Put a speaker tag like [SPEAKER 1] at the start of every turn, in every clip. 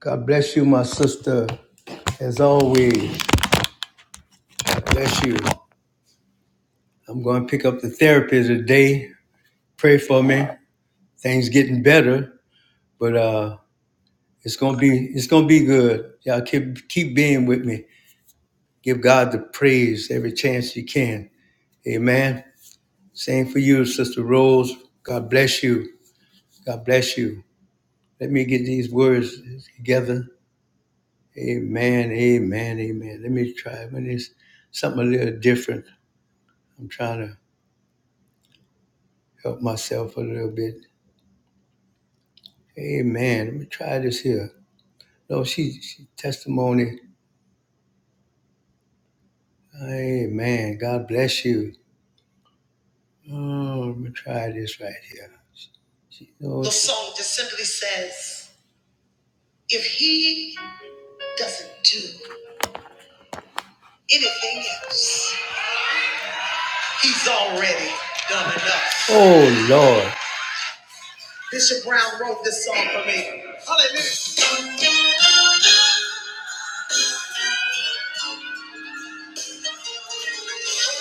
[SPEAKER 1] God bless you, my sister. As always, God bless you. I'm going to pick up the therapy today. Pray for me. Things getting better, but uh, it's gonna be it's gonna be good. Y'all keep keep being with me. Give God the praise every chance you can. Amen. Same for you, Sister Rose. God bless you. God bless you. Let me get these words together. Amen. Amen. Amen. Let me try. When it's something a little different, I'm trying to. help myself a little bit. Amen. Let me try this here. No, she, she testimony. Amen. God bless you. Oh, let me try this right here. She knows the song just simply says, if he doesn't do anything else, he's already done enough. Oh Lord. Bishop Brown wrote this song for me. Hallelujah. We're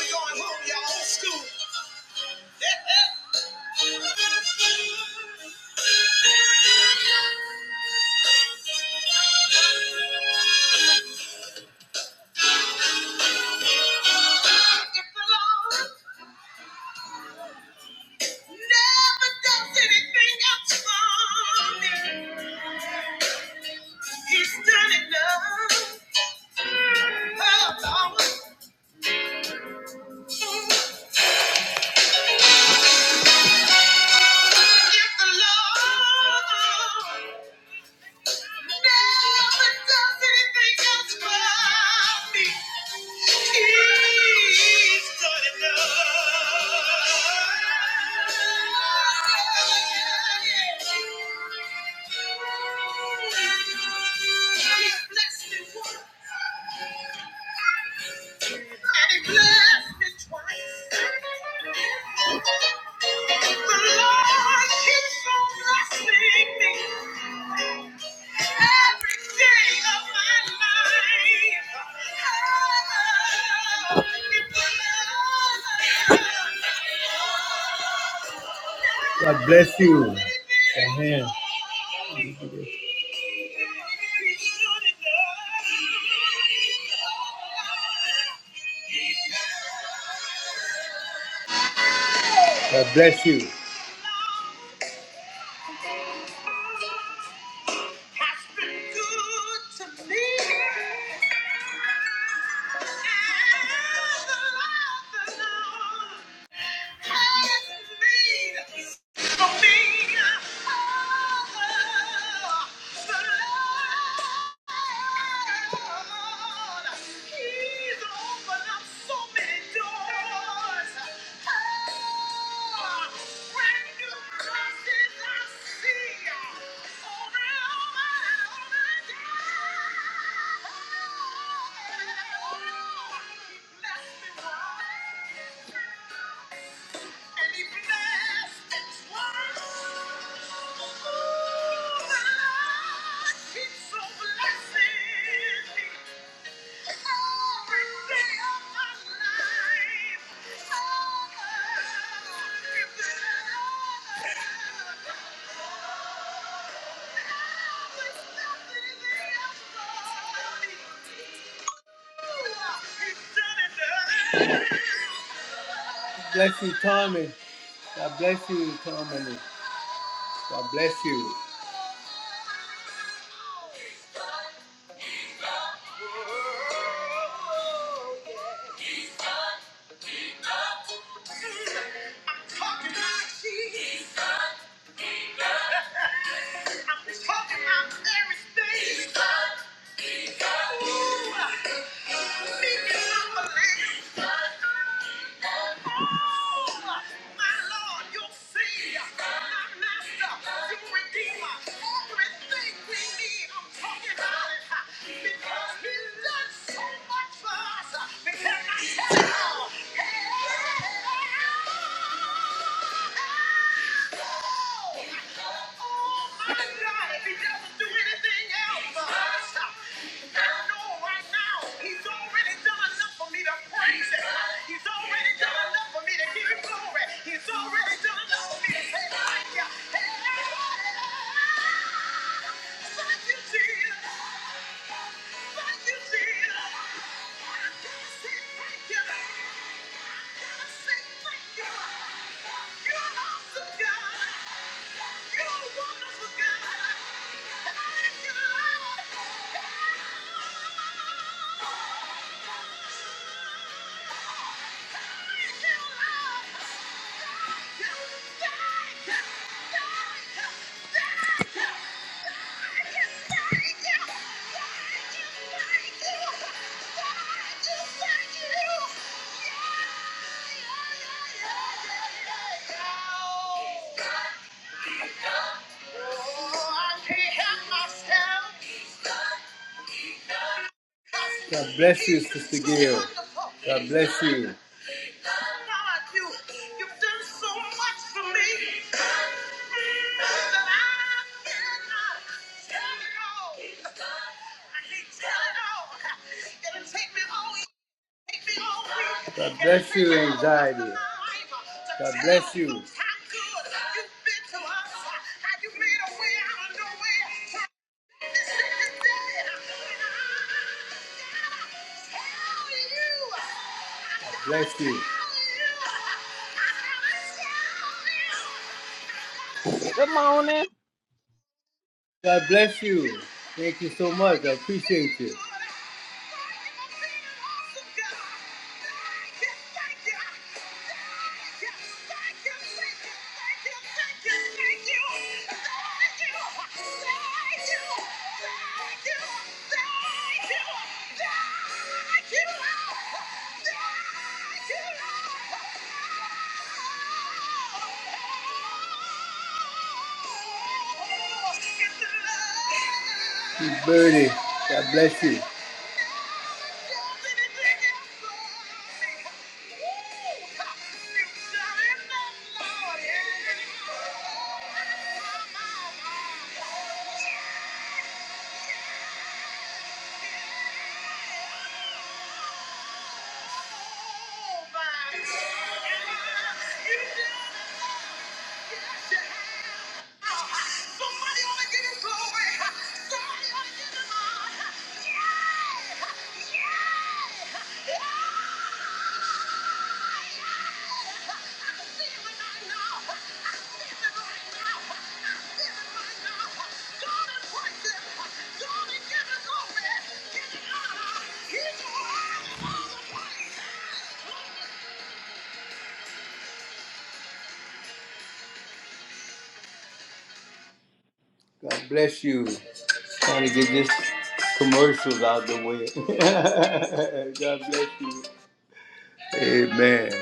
[SPEAKER 1] going home, y'all. Old school. He's done enough. Oh, Lord. If the Lord He's blessed me once. Oh, God bless you. Amen. God bless you. Yeah. Thank you. God Bless you, Tommy. God bless you, Tommy. God bless you. Everything we need. He's already done enough for me to give him glory. He's already done enough for me to thank you. Hey, hey, hey, hey, hey. Thank you, Jesus. Thank you, Jesus. I gotta say thank you. I gotta say thank you. You're awesome God. You're wonderful God. Thank you, Lord. Thank you, Lord. Thank you. Thank God bless you, Sister Gail. God bless you. God, you, you've done so much for me that I cannot tell it all. I can't tell it all. It'll take me all God bless you, anxiety. God bless you. God bless you.
[SPEAKER 2] Good morning.
[SPEAKER 1] God bless you. Thank you so much. I appreciate you. Birdie, God bless you. Yeah! Yeah. Yeah. God bless you. Trying to get this commercials out the way. God bless you. Amen.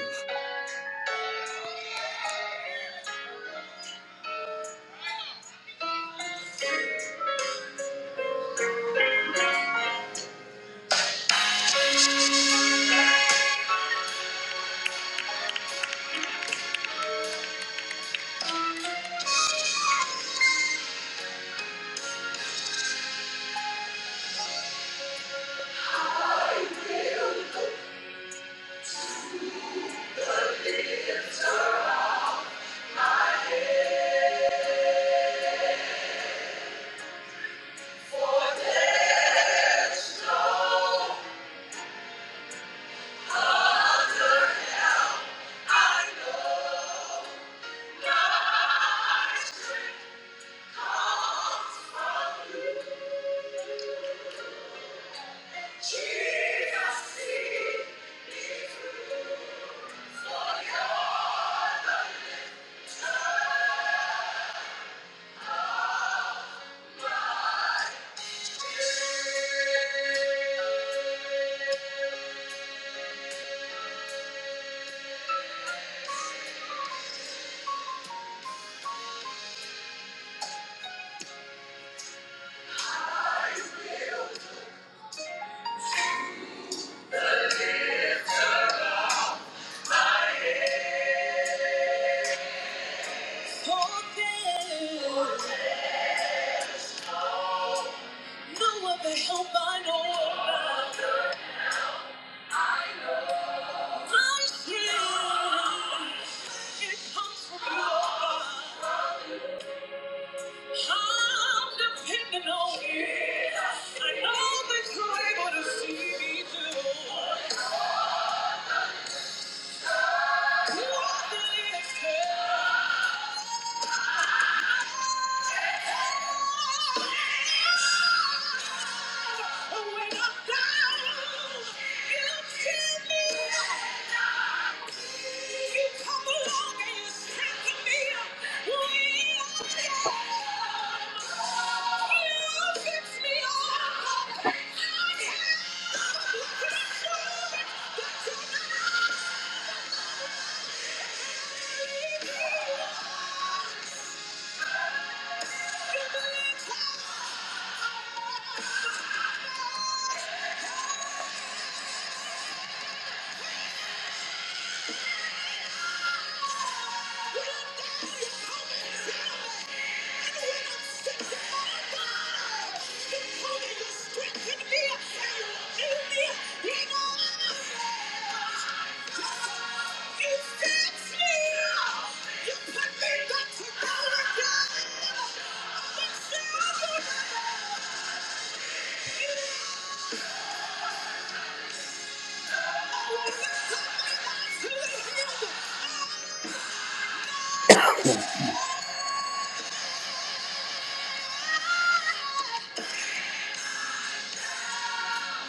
[SPEAKER 1] I know that you're able to See me through. You are the answer. Thank you. Yeah.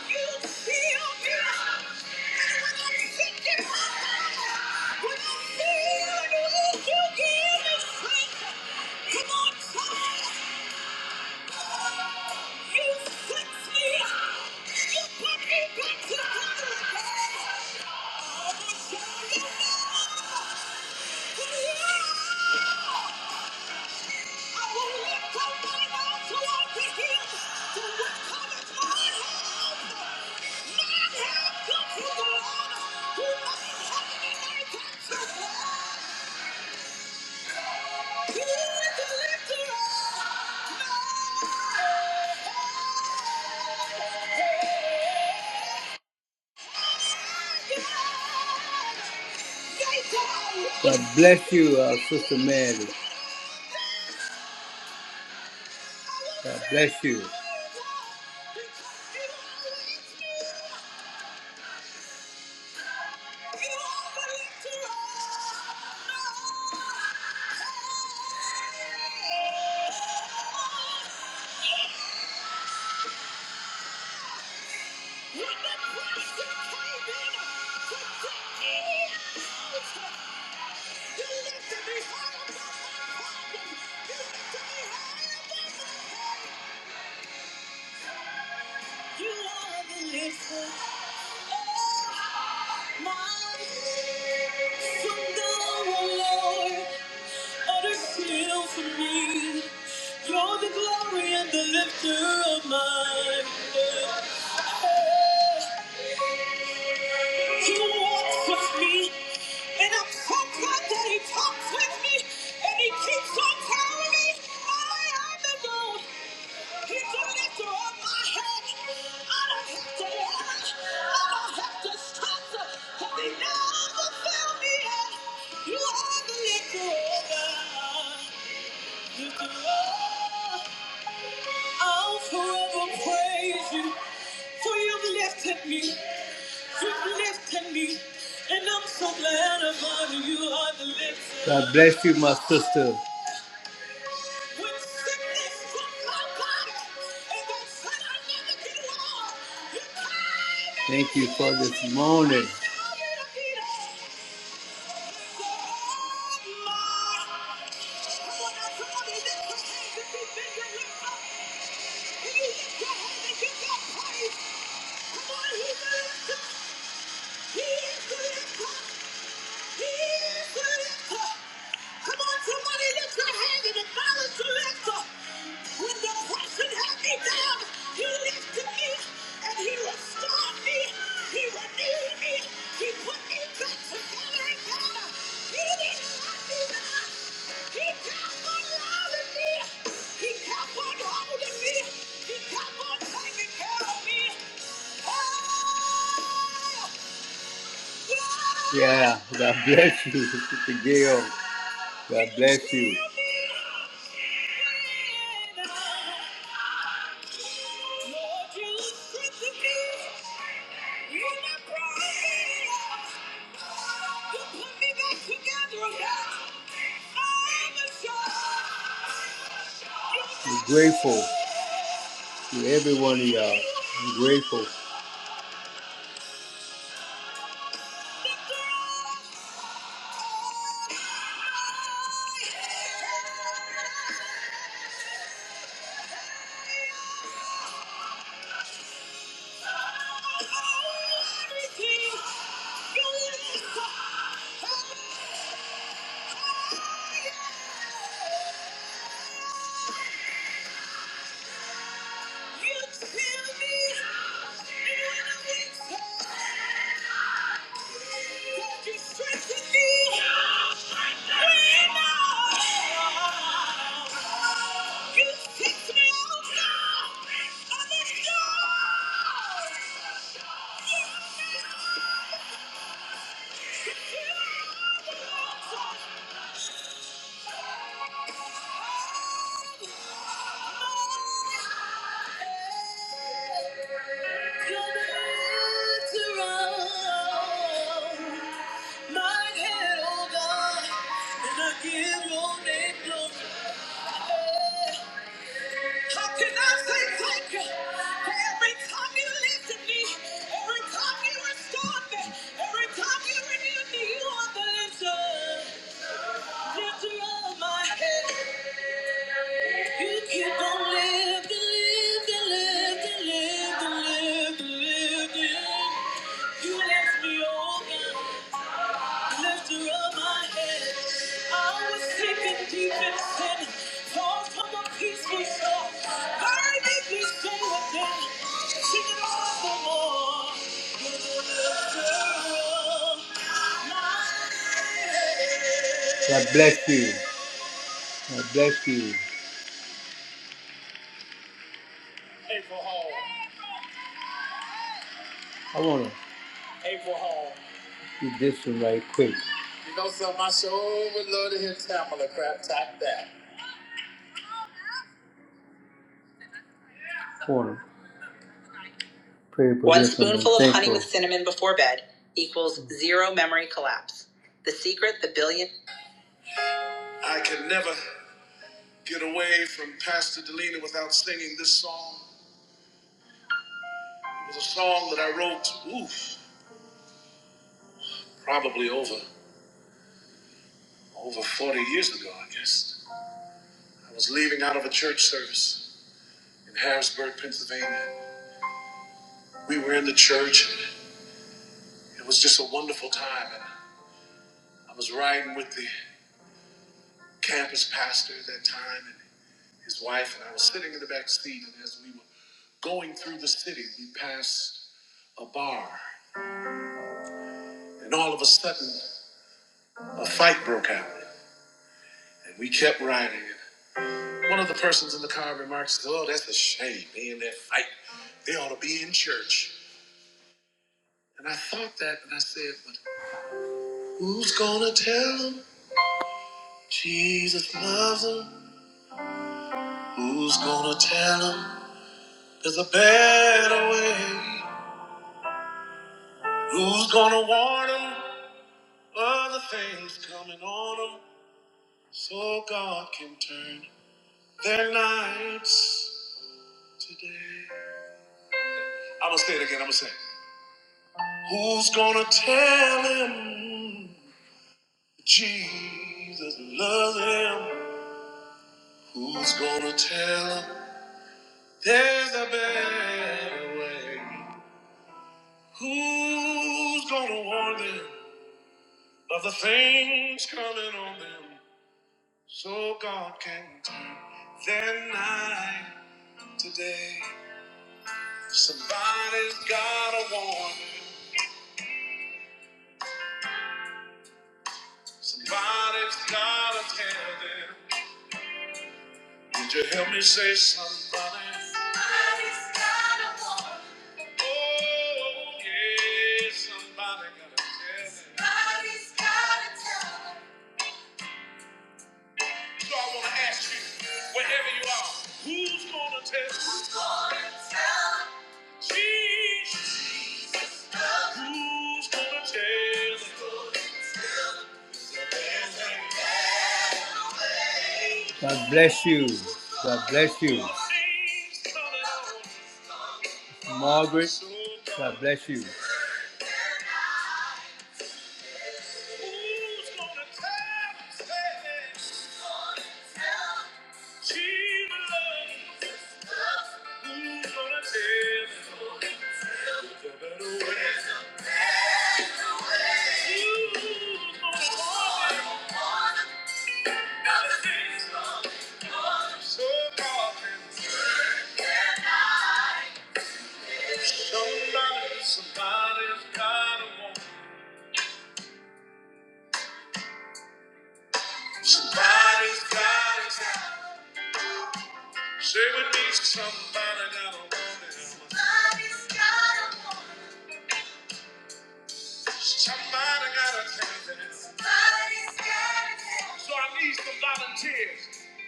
[SPEAKER 1] Yeah! God bless you, uh, Sister Mary. God bless you. You are the listener. You're the glory and the lifter of my head. He walks with me, and I'm so glad that he talks with me, and he keeps on telling me that I am the Lord. He took it to all my head. I don't have to run. I don't have to stop. Have they never found me yet? You are the liquor. You do all. I'll forever praise you. For you've lifted me. You've lifted me. And I'm so glad I'm on you. You are the lifter. God bless you, my sister. When sickness struck my body, and they said I never get well, you Thank you for this morning. Come on, he is good. He is good. He's the lifter. Come on, somebody lift your hand and acknowledge the lifter. When the depression had me down, he lifted me and he restored me. He renewed me. He put me back together and better. He didn't let me down. He kept on loving me. He kept on holding me. He kept on taking care of me. Oh! Yeah, God bless you, Sister Gail. God bless you. We're grateful to every one of y'all. I'm grateful. Thank you. Yeah! Every time you restore me, every time you renew me, you are the legend. God bless you. God bless you. I want to do this one right quick. I want to pray for One this one. spoonful of honey with cinnamon before bed equals zero memory collapse. The secret, the billion. I can never get away from Pastor Delina without singing this song. It was a song that I wrote, oof, probably over over 40 years ago, I guess. I was leaving out of a church service in Harrisburg, Pennsylvania. We were in the church, and it was just a wonderful time. And I was riding with the campus pastor at that time and his wife, and I was sitting in the back seat. And as we were going through the city, we passed a bar, and all of a sudden, a fight broke out. And we kept riding. And one of the persons in the car remarks, Oh, that's a shame. They in that fight. They ought to be in church. And I thought that, and I said, But who's gonna tell them Jesus loves them? Who's gonna tell them there's a better way? Who's gonna warn them? Other things coming on them, so God can turn their nights today. I'm gonna say it again. I'm gonna say, it. Who's gonna tell him Jesus loves him? Who's gonna tell him there's a better way? Who's gonna warn them of the things coming on them, so God can turn their night today? Somebody's got a warning. Somebody's got to tell them. Would you help me say somebody? Somebody's got a warning. Oh, yeah, somebody got to tell them. Somebody's got to tell them. So I want to ask you, wherever you are, who's going to tell? Who's going to tell? Jesus. Jesus. Who's going to tell? Who's going to tell? There's a better way. God bless you. God bless you. Margaret, God bless you. Who's gonna tell Who's gonna tell Jesus loves Who's gonna tell There's a better way. There's a better way. to warn him? Warn him. gonna So darling, Good night. Somebody, somebody's gotta warn. Somebody's gotta tell. Say we need somebody got a woman. Somebody's got a woman. Somebody got a thing. Somebody's got a thing. So I need some volunteers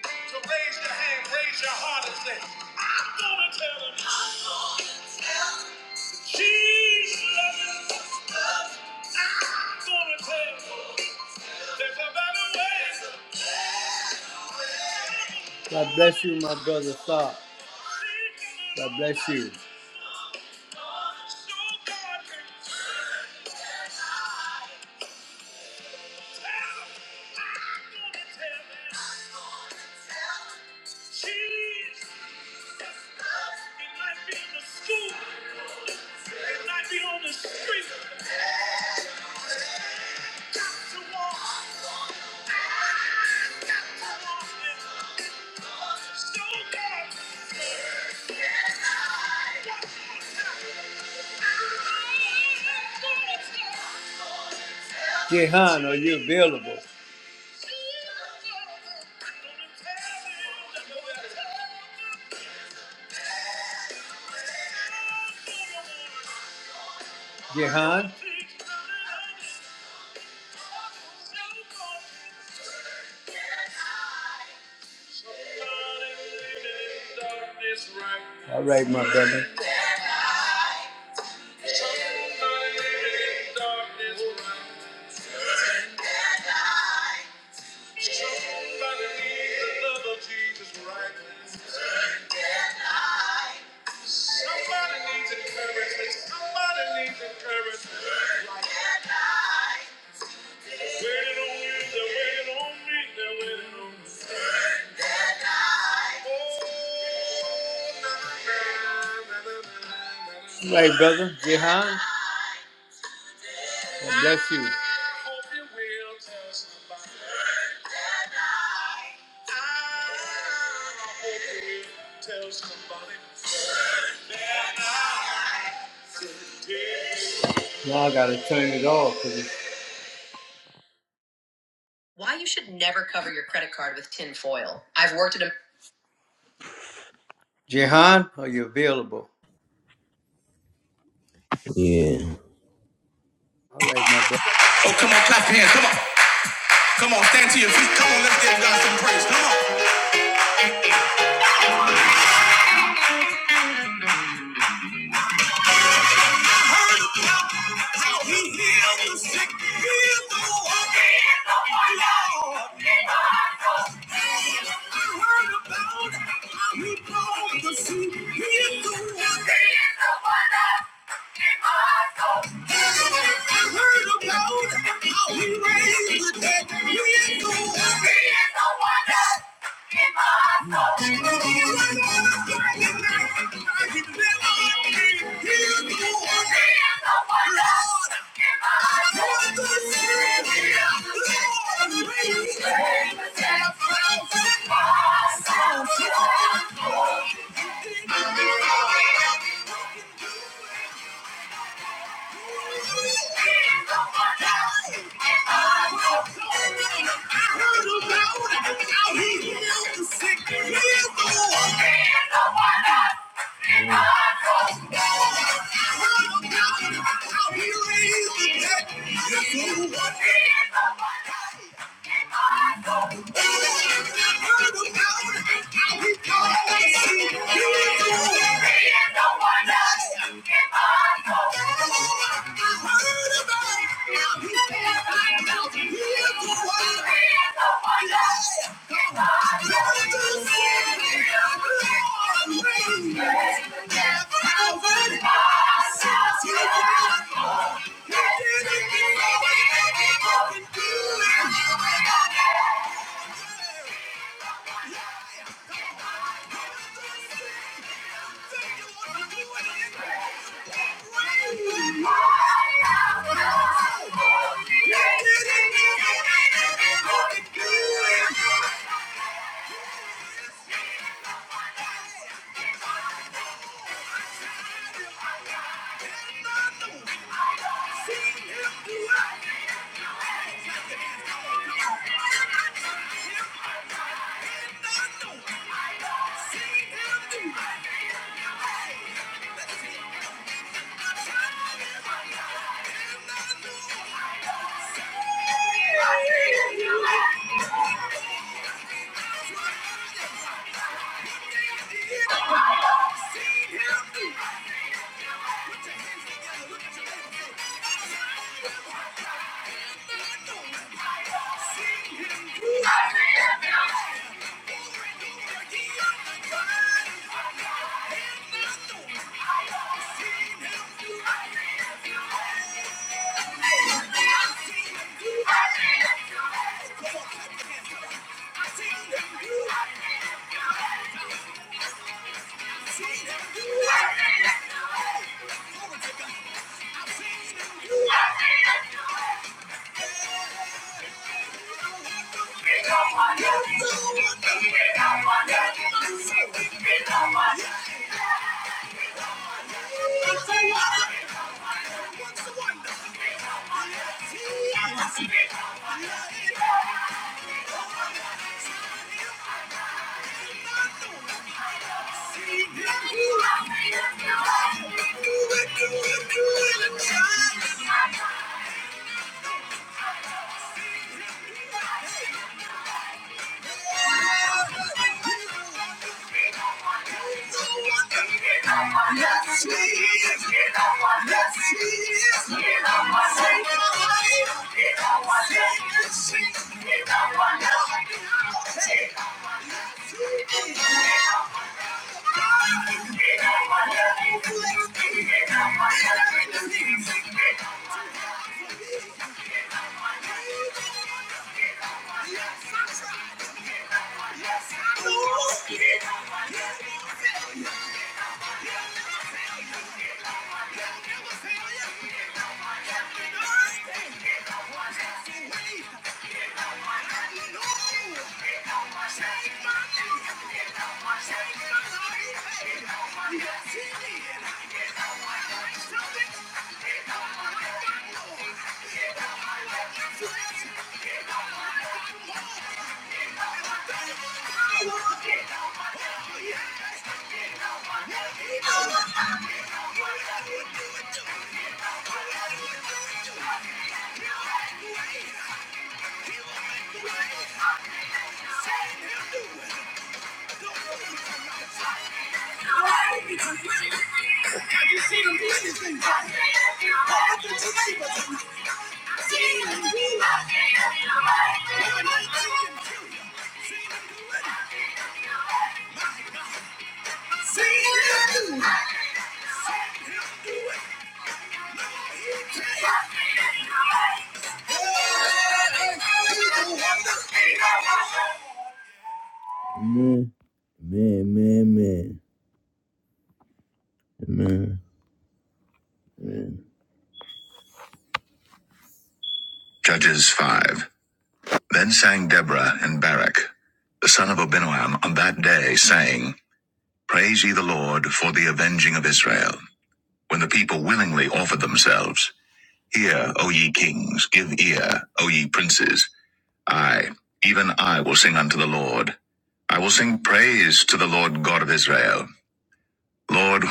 [SPEAKER 1] to raise your hand, raise your heart and say, I'm gonna tell them. I'm gonna tell them. She's loving. I'm gonna tell them. There's a better way. God bless. So God can tell them. I'm gonna tell them. she's. It might be in the school. It might be on to walk. I got to walk and so God. Yes, I. One more time. Jehan, are you available? Jehan. All right, my brother. Somebody needs the love of Jesus right now. Somebody needs encouragement. Somebody needs encouragement. Right now. Waiting on you, they're waiting on me, they're waiting on me. Oh, na, na, na, na, na, na, na, na. God bless you. Now I gotta turn it off. Why you should never cover your credit card with tin foil. I've worked at a Jehan, are you available?
[SPEAKER 3] Yeah. Oh,
[SPEAKER 1] All right, my brother.
[SPEAKER 3] come on, clap your hands. Come on. Come on, stand to your feet. Come on, let's give God some praise. Come on. He is the wonder. in my soul. I heard about it. Out here, the sick, heal the yeah. He is the one. Yeah. Thank you. do. Yeah. Do it, do it, do it, child. Yes, he is. Yes, he is. Save my life. Save the this shit. Now. Hey. Yes, he did. Have you seen him do anything? What happened to Abraham? Seen him do it. Woman, I think him too. Seen him do it. Seen him do it. Seen him do it. No, he can't. Oh, he's a wonder. wonder. Man, man, man. Man, man. Judges 5. Then sang Deborah and Barak, the son of Abinoam, on that day, saying, Praise ye the Lord for the avenging of Israel. When the people willingly offered themselves, Hear, O ye kings, give ear, O ye princes. I, even I, will sing unto the Lord. I will sing praise to the Lord God of Israel. Lord,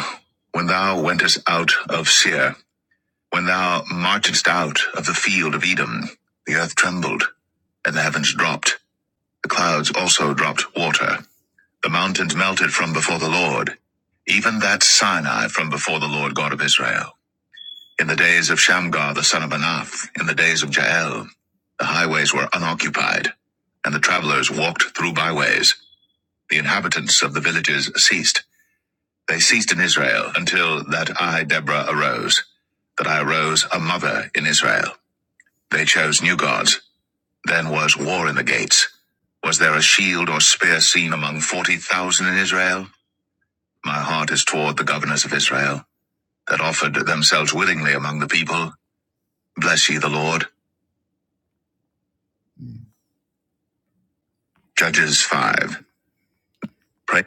[SPEAKER 3] when thou wentest out of Seir, When thou marchedst out of the field of Edom, the earth trembled, and the heavens dropped, the clouds also dropped water. The mountains melted from before the Lord, even that Sinai from before the Lord God of Israel. In the days of Shamgar the son of Anath, in the days of Jael, the highways were unoccupied, and the travelers walked through byways. The inhabitants of the villages ceased. They ceased in Israel until that I, Deborah, arose, that I arose a mother in Israel. They chose new gods. Then was war in the gates. Was there a shield or spear seen among 40,000 in Israel? My heart is toward the governors of Israel, that offered themselves willingly among the people. Bless ye the Lord. Judges 5. Pray.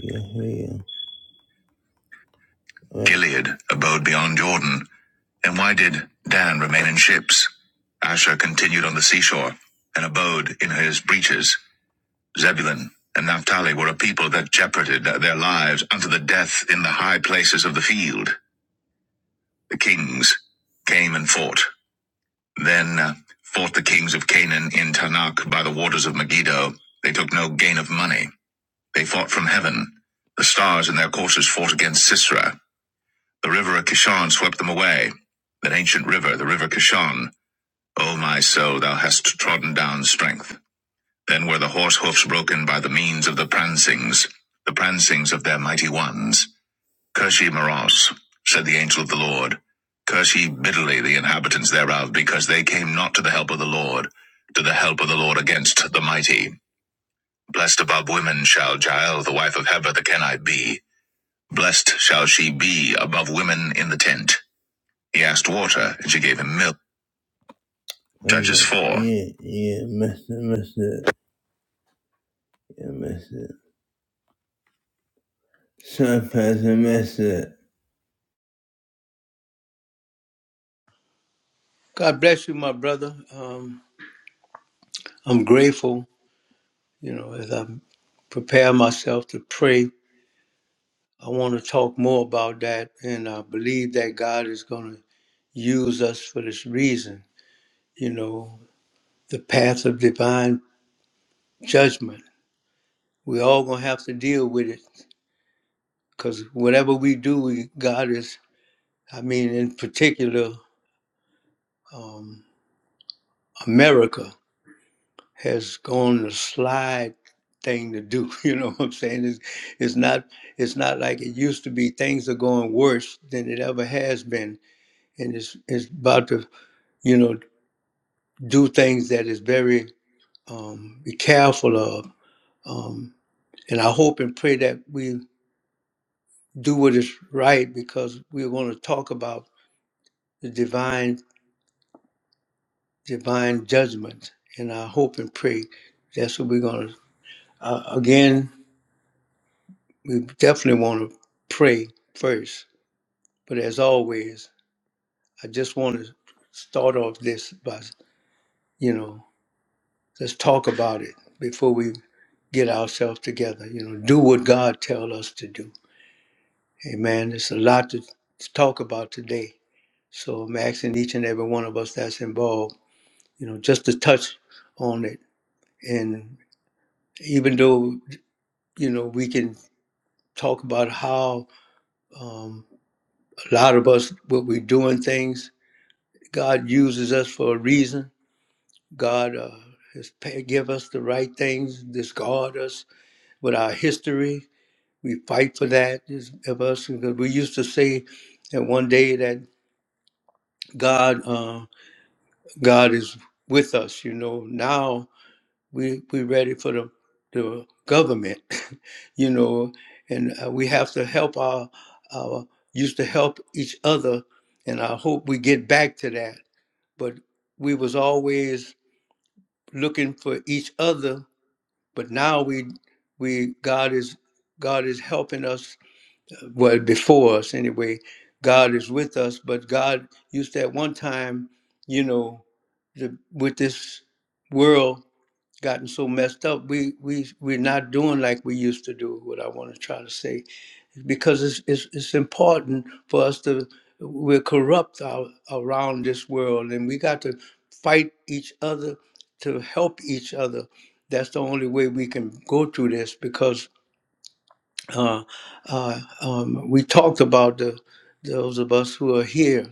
[SPEAKER 3] Yeah, yeah. yeah. Gilead abode beyond Jordan. And why did Dan remain in ships? Asher continued on the seashore and abode in his breaches. Zebulun and Naphtali were a people that jeoparded their lives unto the death in the high places of the field. The kings came and fought. Then uh, fought the kings of Canaan in Tanakh by the waters of Megiddo. They took no gain of money. They fought from heaven. The stars in their courses fought against Sisera. The river of Kishon swept them away. That ancient river, the river Kishon. O my soul, thou hast trodden down strength. Then were the horse hoofs broken by the means of the prancings, the prancings of their mighty ones. Curse ye Maros, said the angel of the Lord. Curse ye bitterly the inhabitants thereof, because they came not to the help of the Lord, to the help of the Lord against the mighty. Blessed above women shall Jael, the wife of Heber the Kenite, be. Blessed shall she be above women in the tent. He asked water, and she gave him milk. Judges 4. Yeah, yeah, messed it, messed it. Yeah, messed it. Sometimes I messed it.
[SPEAKER 1] God bless you, my brother. Um, I'm grateful, you know, as I prepare myself to pray I want to talk more about that, and I believe that God is going to use us for this reason. You know, the path of divine judgment. we are all going to have to deal with it because whatever we do, we, God is, I mean, in particular, um, America has gone the slide thing to do. You know what I'm saying? It's, it's not it's not like it used to be. Things are going worse than it ever has been. And it's, it's about to, you know, do things that is very um, be careful of. Um, and I hope and pray that we do what is right because we're going to talk about the divine divine judgment. And I hope and pray that's what we're going to. Uh, again, we definitely want to pray first. But as always, I just want to start off this by you know let's talk about it before we get ourselves together. You know, do what God tells us to do Hey man, there's a lot to to talk about today. So I'm asking each and every one of us that's involved, you know, just to touch on it. And even though, you know, we can talk about how um, a lot of us, what we're doing things, God uses us for a reason. God uh, has pa- give us the right things, discard us with our history. We fight for that is- of us because we used to say that one day that God. um, God is with us. You know, now we we ready for the the government. you know, and uh, we have to help our our used to help each other, and I hope we get back to that. But we was always looking for each other, but now we we God is God is helping us well before us anyway god is with us but god used to at one time you know the, with this world gotten so messed up we we we're not doing like we used to do what i want to try to say because it's it's, it's important for us to we're corrupt our, around this world and we got to fight each other to help each other that's the only way we can go through this because uh, uh, um, we talked about the those of us who are here,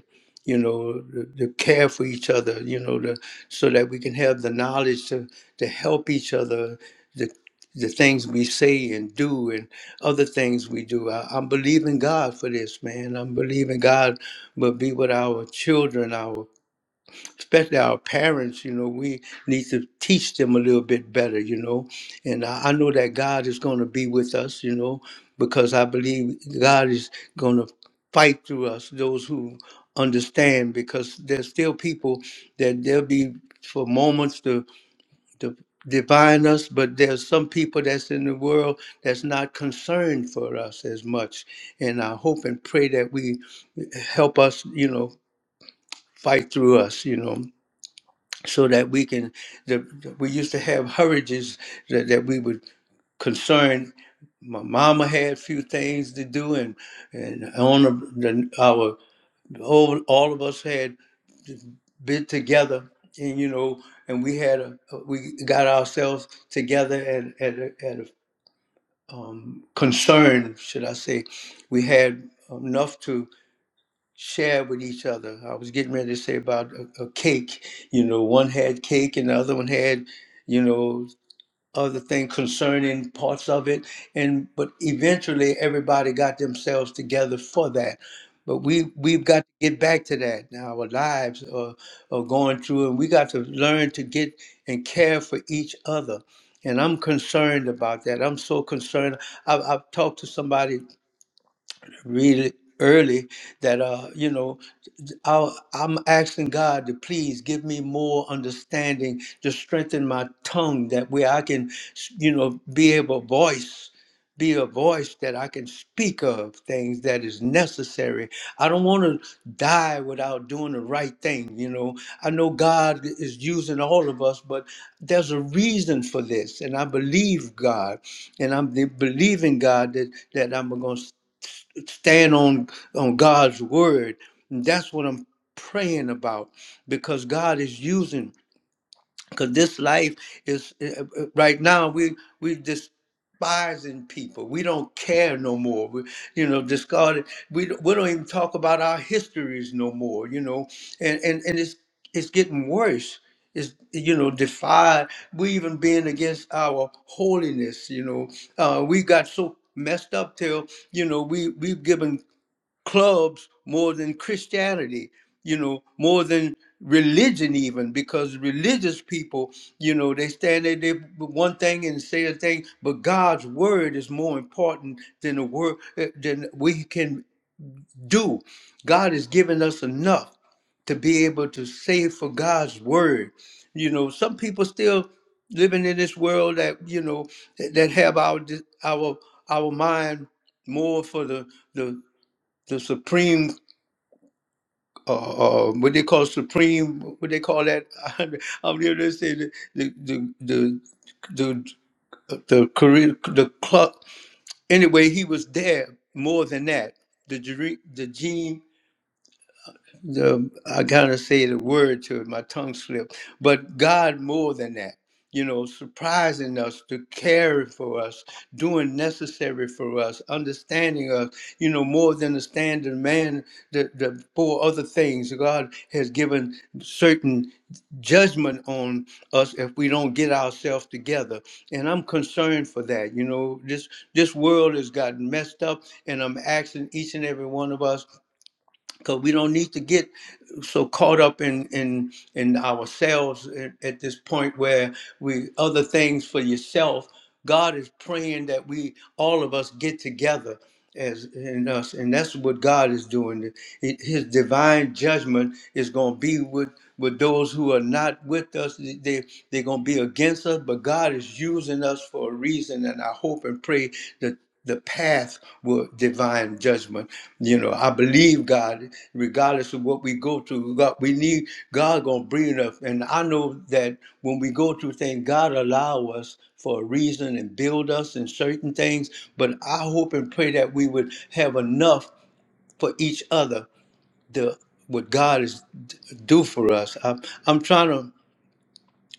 [SPEAKER 1] you know, the, the care for each other, you know, the, so that we can have the knowledge to to help each other, the the things we say and do and other things we do. I, I'm believing God for this, man. I'm believing God will be with our children, especially our parents, you know, we need to teach them a little bit better, you know. And I, I know that God is going to be with us, you know, because I believe God is going to fight through us, those who understand, because there's still people that there'll be for moments to, to divine us, but there's some people that's in the world that's not concerned for us as much. And I hope and pray that we help us, you know, fight through us, you know so that we can the, the- we used to have hurries that, that we would concern my mama had a few things to do and and on the, the, our all, all of us had been together and you know and we had a we got ourselves together at at a, at a um, concern should i say we had enough to share with each other. I was getting ready to say about a, a cake. You know, one had cake and the other one had, you know, other thing concerning parts of it. And but eventually everybody got themselves together for that. But we we've got to get back to that. Now our lives are, are going through and we got to learn to get and care for each other. And I'm concerned about that. I'm so concerned. I've, I've talked to somebody really early that uh you know I, I'm asking God to please give me more understanding to strengthen my tongue that way I can, you know, be able to voice, be a voice that I can speak of things that is necessary. I don't want to die without doing the right thing, you know. I know God is using all of us, but there's a reason for this. And I believe God, and I'm believing God that, that I'm going to stand on on God's word. And that's what I'm praying about because God is using because this life is uh, uh, right now we we despising people. We don't care no more. We you know discarded. We don't- we don't even talk about our histories no more. You know, and and and it's it's getting worse. It's you know defied. We even being against our holiness. You know, uh, we got so messed up till you know we we've given clubs more than Christianity, you know, more than religion even because religious people you know they stand there they one thing and say a thing but god's word is more important than the word eh, than we can do god has given us enough to be able to save for god's word you know some people still living in this world that you know that have our our our mind more for the the the supreme uh, uh, what they call supreme, what they call that. I'm here to say the the the the the, the career the club. Anyway, he was there more than that. The Jere- the Gene the I gotta say the word to it, my tongue slipped. But God more than that, you know, surprising us to care for us, doing necessary for us, understanding us, you know, more than the standard man the, the four other things. God has given certain judgment on us if we don't get ourselves together. And I'm concerned for that. You know, this this world has gotten messed up and I'm asking each and every one of us because we don't need to get so caught up in in in ourselves at, at this point where we other things for yourself god is praying that we all of us get together as in us and that's what god is doing It- his divine judgment is going to be with with those who are not with us they they're going to be against us but god is using us for a reason and i hope and pray the the path with divine judgment. You know, I believe God, regardless of what we go through, God, we need God gonna bring us. And I know that when we go through things, God allow us for a reason and build us in certain things. But I hope and pray that we would have enough for each other. The what God is d- do for us. I'm, I'm trying to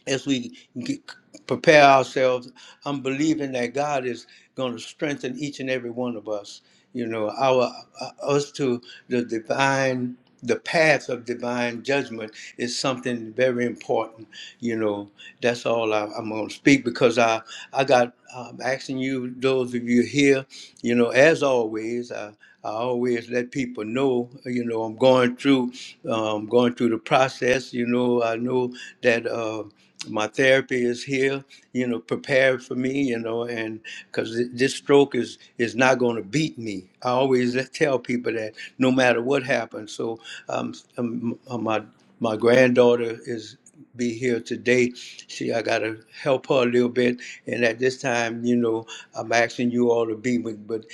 [SPEAKER 1] as we get, prepare ourselves, I'm believing that God is going to strengthen each and every one of us. You know, our uh, us to the divine, the path of divine judgment is something very important. You know, that's all I, I'm going to speak because I I got i asking you, those of you here, you know, as always, I. I always let people know, you know, I'm going through, um, going through the process. You know, I know that. Uh, my therapy is here, you know, prepared for me, you know, and because this stroke is is not going to beat me. I always tell people that no matter what happens. So um, um my my granddaughter is be here today. She I gotta help her a little bit, and at this time, you know, I'm asking you all to be with, but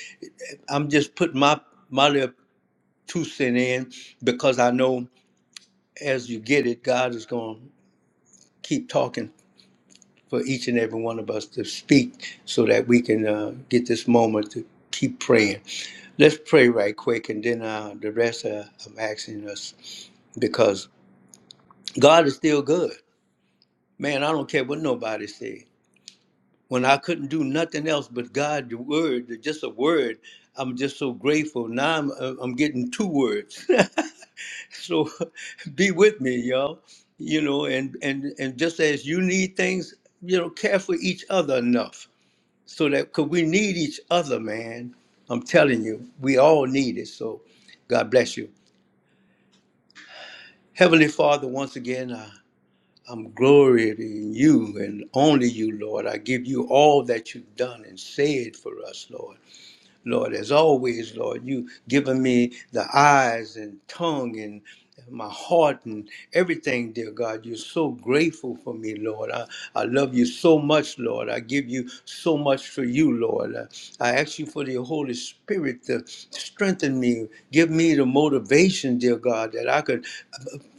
[SPEAKER 1] I'm just putting my my little two cent in because I know as you get it, God is going to keep talking for each and every one of us to speak so that we can uh, get this moment to keep praying. Let's pray right quick, and then uh, the rest uh, I'm asking us because God is still good. Man, I don't care what nobody said. When I couldn't do nothing else but God, the word, just a word, I'm just so grateful. Now I'm, uh, I'm getting two words. so be with me, y'all. You know, and, and, and just as you need things, you know, care for each other enough so that because we need each other, man. I'm telling you, we all need it. So, God bless you, Heavenly Father. Once again, I, I'm glorying in you and only you, Lord. I give you all that you've done and said for us, Lord. Lord, as always, Lord, you given me the eyes and tongue and my heart and everything, dear God. You're so grateful for me, Lord. I, I love you so much, Lord. I give you so much for you, Lord. I, I ask you for the Holy Spirit to strengthen me, give me the motivation, dear God, that I could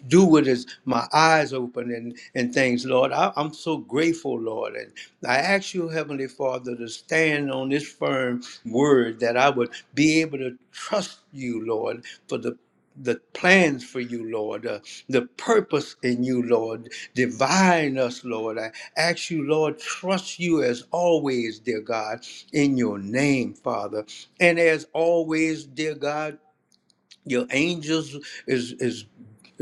[SPEAKER 1] do with is my eyes open and, and things, Lord. I, I'm so grateful, Lord. And I ask you, Heavenly Father, to stand on this firm word that I would be able to trust you, Lord, for the the plans for you, Lord, uh, the purpose in you, Lord, divine us, Lord. I ask you, Lord, trust you as always, dear God, in your name, Father. And as always, dear God, your angels is is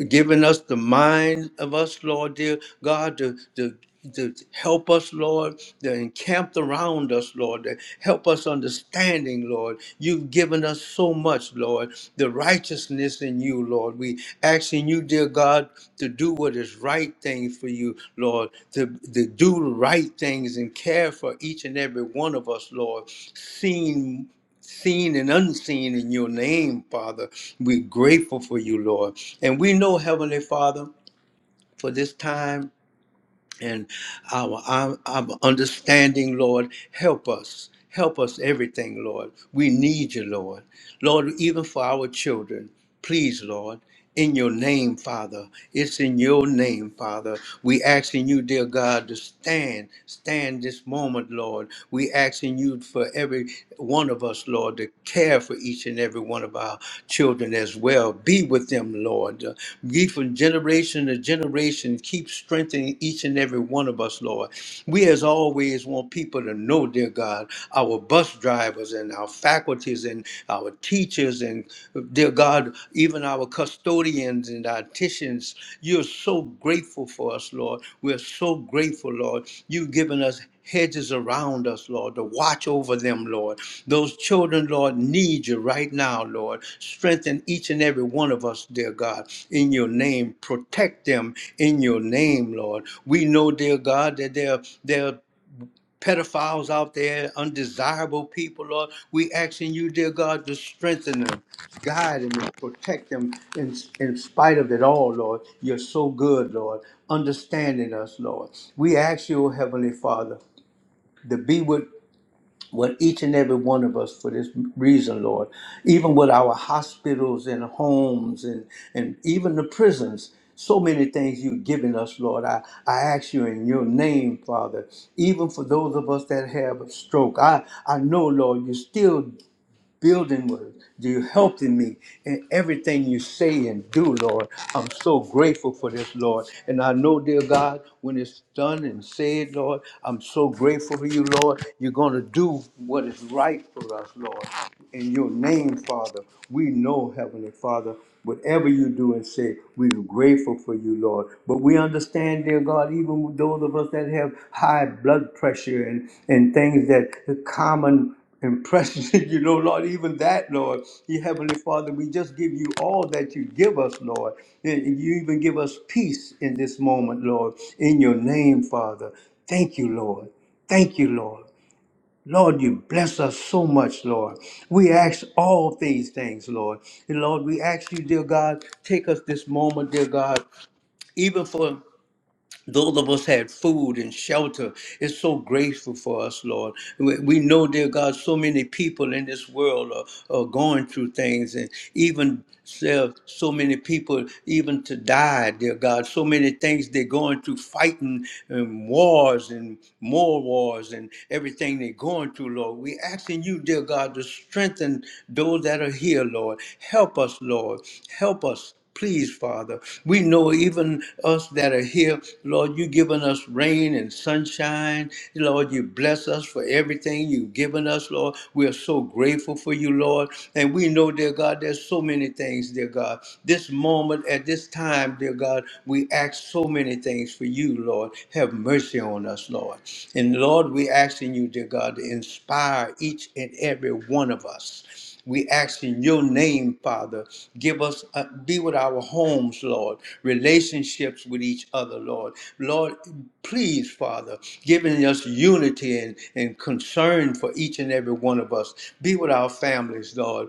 [SPEAKER 1] giving us the mind of us, Lord, dear God, to, to, to help us, Lord, to encamp around us, Lord, to help us understanding, Lord. You've given us so much, Lord, the righteousness in you, Lord. We asking you, dear God, to do what is right thing for you, Lord, to, to do the right things and care for each and every one of us, Lord, seen, seen and unseen in your name, Father. We're grateful for you, Lord. And we know, Heavenly Father, for this time and our, our, our understanding, Lord, help us. Help us everything, Lord. We need you, Lord. Lord, even for our children, please, Lord. In your name, Father. It's in your name, Father. We asking you, dear God, to stand, stand this moment, Lord. We asking you for every one of us, Lord, to care for each and every one of our children as well. Be with them, Lord. Uh, Be from generation to generation. Keep strengthening each and every one of us, Lord. We, as always, want people to know, dear God, our bus drivers and our faculties and our teachers and, dear God, even our custodians and our dietitians. You're so grateful for us, Lord. We're so grateful, Lord. You've given us hedges around us, Lord, to watch over them, Lord. Those children, Lord, need you right now, Lord. Strengthen each and every one of us, dear God, in your name. Protect them in your name, Lord. We know, dear God, that they're, they're pedophiles out there, undesirable people, Lord. We asking you, dear God, to strengthen them, guide them, and protect them in, in spite of it all, Lord. You're so good, Lord, understanding us, Lord. We ask you, Heavenly Father, to be with, with each and every one of us for this reason, Lord. Even with our hospitals and homes and, and even the prisons, so many things you've given us, Lord. I, I ask you in your name, Father, even for those of us that have a stroke. I, I know, Lord, you still building with. You helping me in everything you say and do, Lord. I'm so grateful for this, Lord. And I know, dear God, when it's done and said, Lord, I'm so grateful for you, Lord. You're going to do what is right for us, Lord. In your name, Father, we know, Heavenly Father, whatever you do and say, we're grateful for you, Lord. But we understand, dear God, even those of us that have high blood pressure and, and things that the common impression you know lord even that lord you heavenly father we just give you all that you give us lord and and you even give us peace in this moment lord in your name father thank you lord thank you lord Lord, you bless us so much, Lord. We ask all these things, Lord. And Lord, we ask you, dear God, take us this moment, dear God, even for those of us had food and shelter it's so grateful for us lord we we know dear god so many people in this world are, are going through things and even so so many people even to die dear god so many things they're going through fighting and wars and more wars and everything they're going through lord we asking you dear god to strengthen those that are here lord help us lord help us Please, Father, we know even us that are here, Lord, you've given us rain and sunshine. Lord, you bless us for everything you've given us, Lord. We are so grateful for you, Lord. And we know, dear God, there's so many things, dear God. This moment, at this time, dear God, we ask so many things for you, Lord. Have mercy on us, Lord. And Lord, we asking you, dear God, to inspire each and every one of us. We ask in your name, Father. Give us, uh, be with our homes, Lord, relationships with each other, Lord. Lord, please, Father, giving us unity and, and concern for each and every one of us. Be with our families, Lord.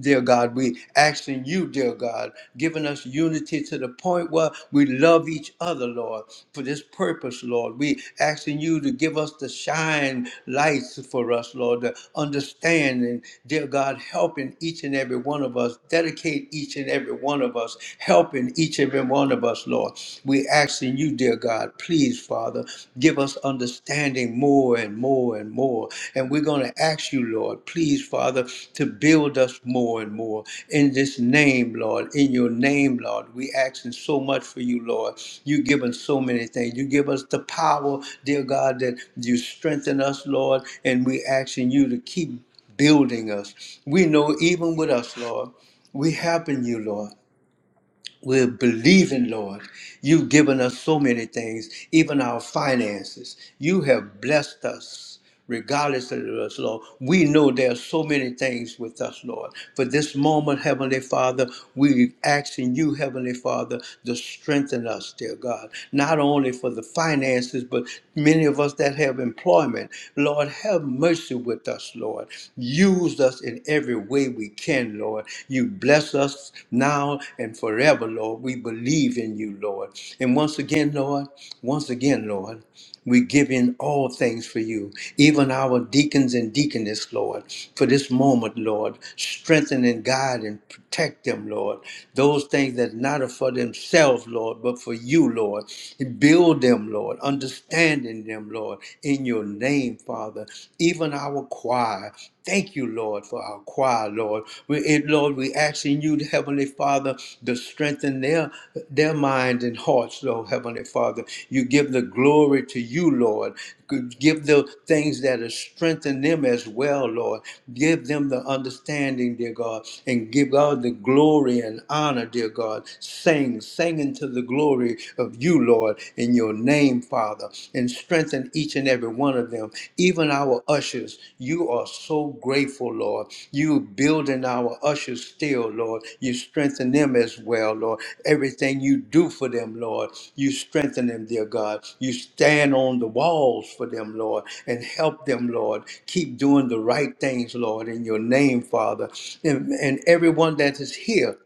[SPEAKER 1] Dear God, we ask in you, dear God, giving us unity to the point where we love love each other, Lord, for this purpose, Lord. We asking you to give us the shine lights for us, Lord, to understand and, dear God, helping each and every one of us, dedicate each and every one of us, helping each and every one of us, Lord. We asking you, dear God, please, Father, give us understanding more and more and more. And we're going to ask you, Lord, please, Father, to build us more and more in this name, Lord. In your name, Lord, we asking so much for you, Lord. You give us so many things. You give us the power, dear God, that you strengthen us, Lord. And we asking you to keep building us. We know even with us, Lord, we helping you, Lord. We're believing, Lord. You've given us so many things, even our finances. You have blessed us, regardless of us, Lord. We know there are so many things with us, Lord. For this moment, Heavenly Father, we're asking you, Heavenly Father, to strengthen us, dear God. Not only for the finances, but many of us that have employment. Lord, have mercy with us, Lord. Use us in every way we can, Lord. You bless us now and forever, Lord. We believe in you, Lord. And once again, Lord, once again, Lord, we give in all things for you, even our deacons and deaconess, Lord, for this moment, Lord. Strengthen and guide and protect them, Lord. Those things that not are for themselves, Lord, but for you, Lord. Build them, Lord. Understanding them, Lord, in your name name, Father. Even our choir. Thank you, Lord, for our choir, Lord. We, eh, Lord, we asking you, Heavenly Father, to strengthen their their minds and hearts, Lord, Heavenly Father. You give the glory to you, Lord. Give the things that are strengthen them as well, Lord. Give them the understanding, dear God, and give God the glory and honor, dear God. Sing, sing into the glory of you, you, Lord, in your name, Father, and strengthen each and every one of them, even our ushers. You are so grateful, Lord. You building our ushers still, Lord. You strengthen them as well, Lord. Everything you do for them, Lord, you strengthen them, dear God. You stand on the walls for them, Lord, and help them, Lord. Keep doing the right things, Lord, in your name, Father. And, and everyone that is here,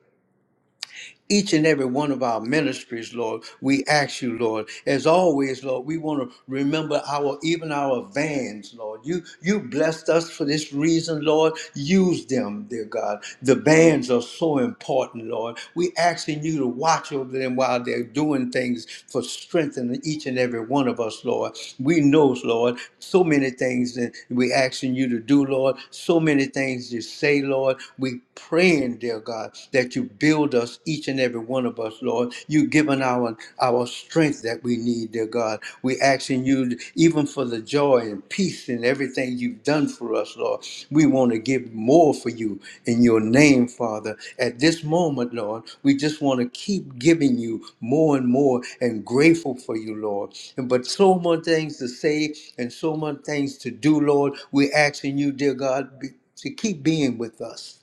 [SPEAKER 1] each and every one of our ministries, Lord. We ask you, Lord, as always, Lord, we want to remember our even our vans, Lord. You you blessed us for this reason, Lord. Use them, dear God. The vans are so important, Lord. We asking you to watch over them while they're doing things for strengthening each and every one of us, Lord. We know, Lord, so many things that we're asking you to do, Lord, so many things you say, Lord. We praying, dear God, that you build us, each and every one of us, Lord. You given our our strength that we need, dear God. We asking you, even for the joy and peace and everything you've done for us, Lord. We want to give more for you in your name, Father. At this moment, Lord, we just want to keep giving you more and more and grateful for you, Lord. And but so much things to say and so much things to do, Lord. We asking you, dear God, be, to keep being with us,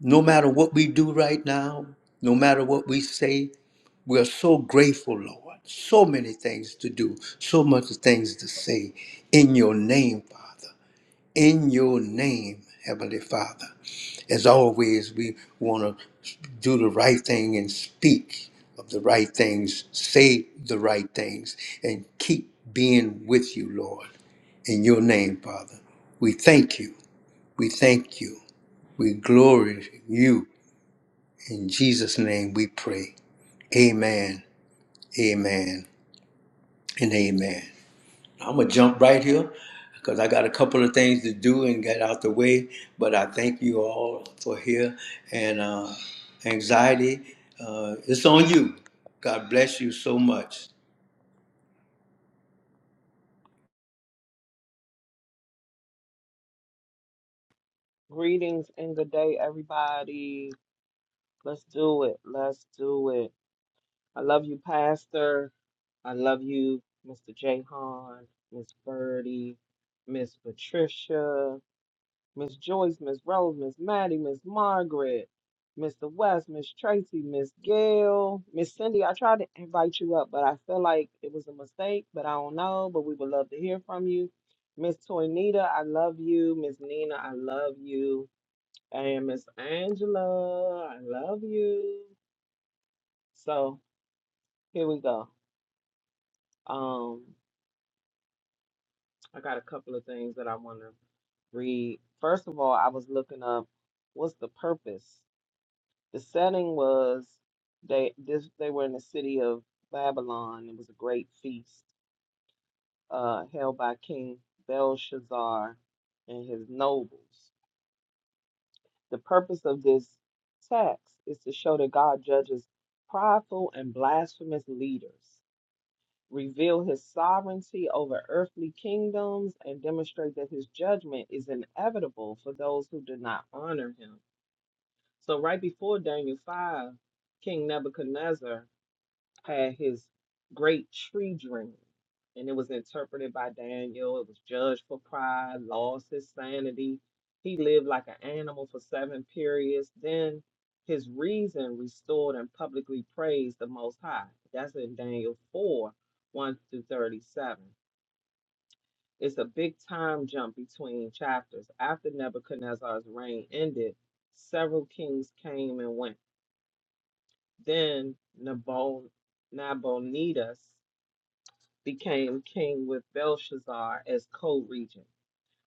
[SPEAKER 1] no matter what we do right now, no matter what we say, we are so grateful, Lord. So many things to do, so much things to say. In your name, Father. In your name, Heavenly Father. As always, we want to do the right thing and speak of the right things, say the right things, and keep being with you, Lord. In your name, Father. We thank you. We thank you. We glory you. In Jesus' name we pray. Amen. Amen. And amen. I'm gonna jump right here because I got a couple of things to do and get out the way. But I thank you all for here. And uh, anxiety, uh, it's on you. God bless you so much.
[SPEAKER 2] Greetings and good day, everybody. Let's do it. Let's do it. I love you, Pastor. I love you, Mr. Jahan, Miss Birdie, Miss Patricia, Miss Joyce, Miss Rose, Miss Maddie, Miss Margaret, Mr. West, Miss Tracy, Miss Gail, Miss Cindy. I tried to invite you up, but I feel like it was a mistake, but I don't know. But we would love to hear from you. Miss Toynita, I love you. Miss Nina, I love you. Hey, Miss Angela, I love you. So here we go. Um, I got a couple of things that I want to read. First of all, I was looking up what's the purpose. The setting was they this they were in the city of Babylon. It was a great feast uh, held by King Belshazzar and his nobles. The purpose of this text is to show that God judges prideful and blasphemous leaders. reveal his sovereignty over earthly kingdoms, and demonstrate that his judgment is inevitable for those who do not honor him. So, right before Daniel 5, King Nebuchadnezzar had his great tree dream, and it was interpreted by Daniel. It was judged for pride, lost his sanity. He lived like an animal for seven periods. Then his reason restored and publicly praised the Most High. That's in Daniel 4 1 through 37. It's a big time jump between chapters. After Nebuchadnezzar's reign ended, several kings came and went. Then Nabon- Nabonidus became king with Belshazzar as co-regent.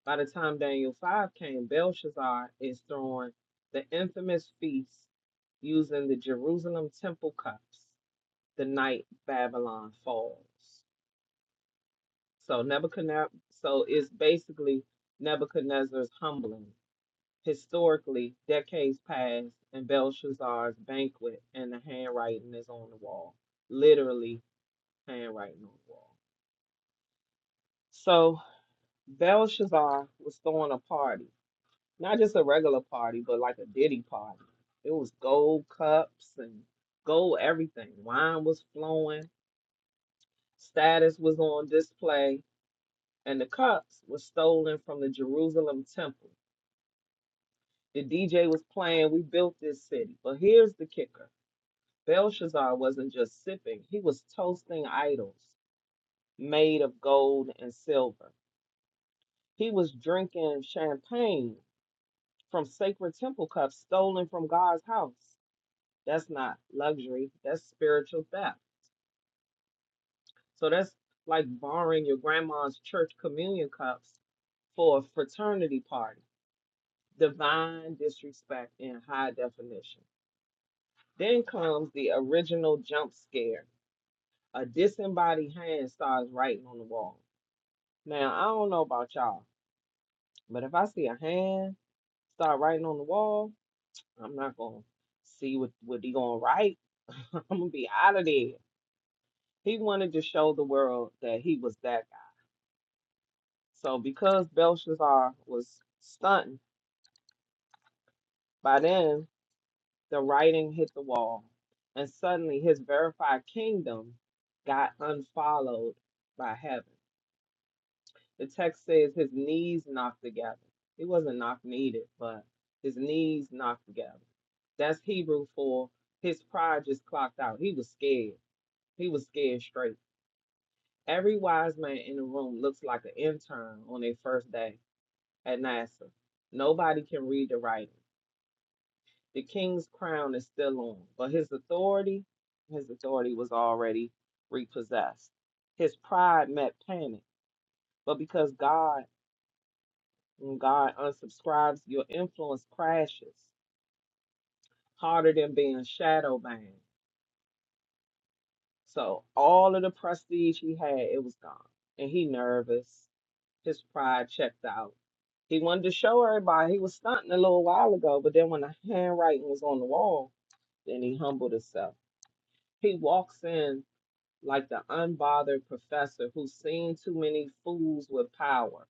[SPEAKER 2] By the time Daniel 5 came, Belshazzar is throwing the infamous feast using the Jerusalem temple cups the night Babylon falls. So Nebuchadnezzar, so it's basically Nebuchadnezzar's humbling. Historically, decades passed, and Belshazzar's banquet, and the handwriting is on the wall. Literally, handwriting on the wall. So. Belshazzar was throwing a party, not just a regular party, but like a ditty party. It was gold cups and gold everything. Wine was flowing, status was on display, and the cups were stolen from the Jerusalem temple. The DJ was playing, We Built This City. But here's the kicker Belshazzar wasn't just sipping, he was toasting idols made of gold and silver. He was drinking champagne from sacred temple cups stolen from God's house. That's not luxury. That's spiritual theft. So that's like borrowing your grandma's church communion cups for a fraternity party. Divine disrespect in high definition. Then comes the original jump scare. A disembodied hand starts writing on the wall. Now, I don't know about y'all, but if I see a hand start writing on the wall, I'm not going to see what, what he going to write. I'm going to be out of there. He wanted to show the world that he was that guy. So because Belshazzar was stunned, by then the writing hit the wall, and suddenly his verified kingdom got unfollowed by heaven. The text says his knees knocked together. He wasn't knock needed, but his knees knocked together. That's Hebrew for his pride just clocked out. He was scared. He was scared straight. Every wise man in the room looks like an intern on their first day at Nassau. Nobody can read the writing. The king's crown is still on, but his authority, his authority was already repossessed. His pride met panic, but because God, when God unsubscribes, your influence crashes harder than being shadow banned. So all of the prestige he had, it was gone, and he nervous. His pride checked out. He wanted to show everybody he was stunting a little while ago, but then when the handwriting was on the wall, and he humbled himself. He walks in like the unbothered professor who's seen too many fools with power.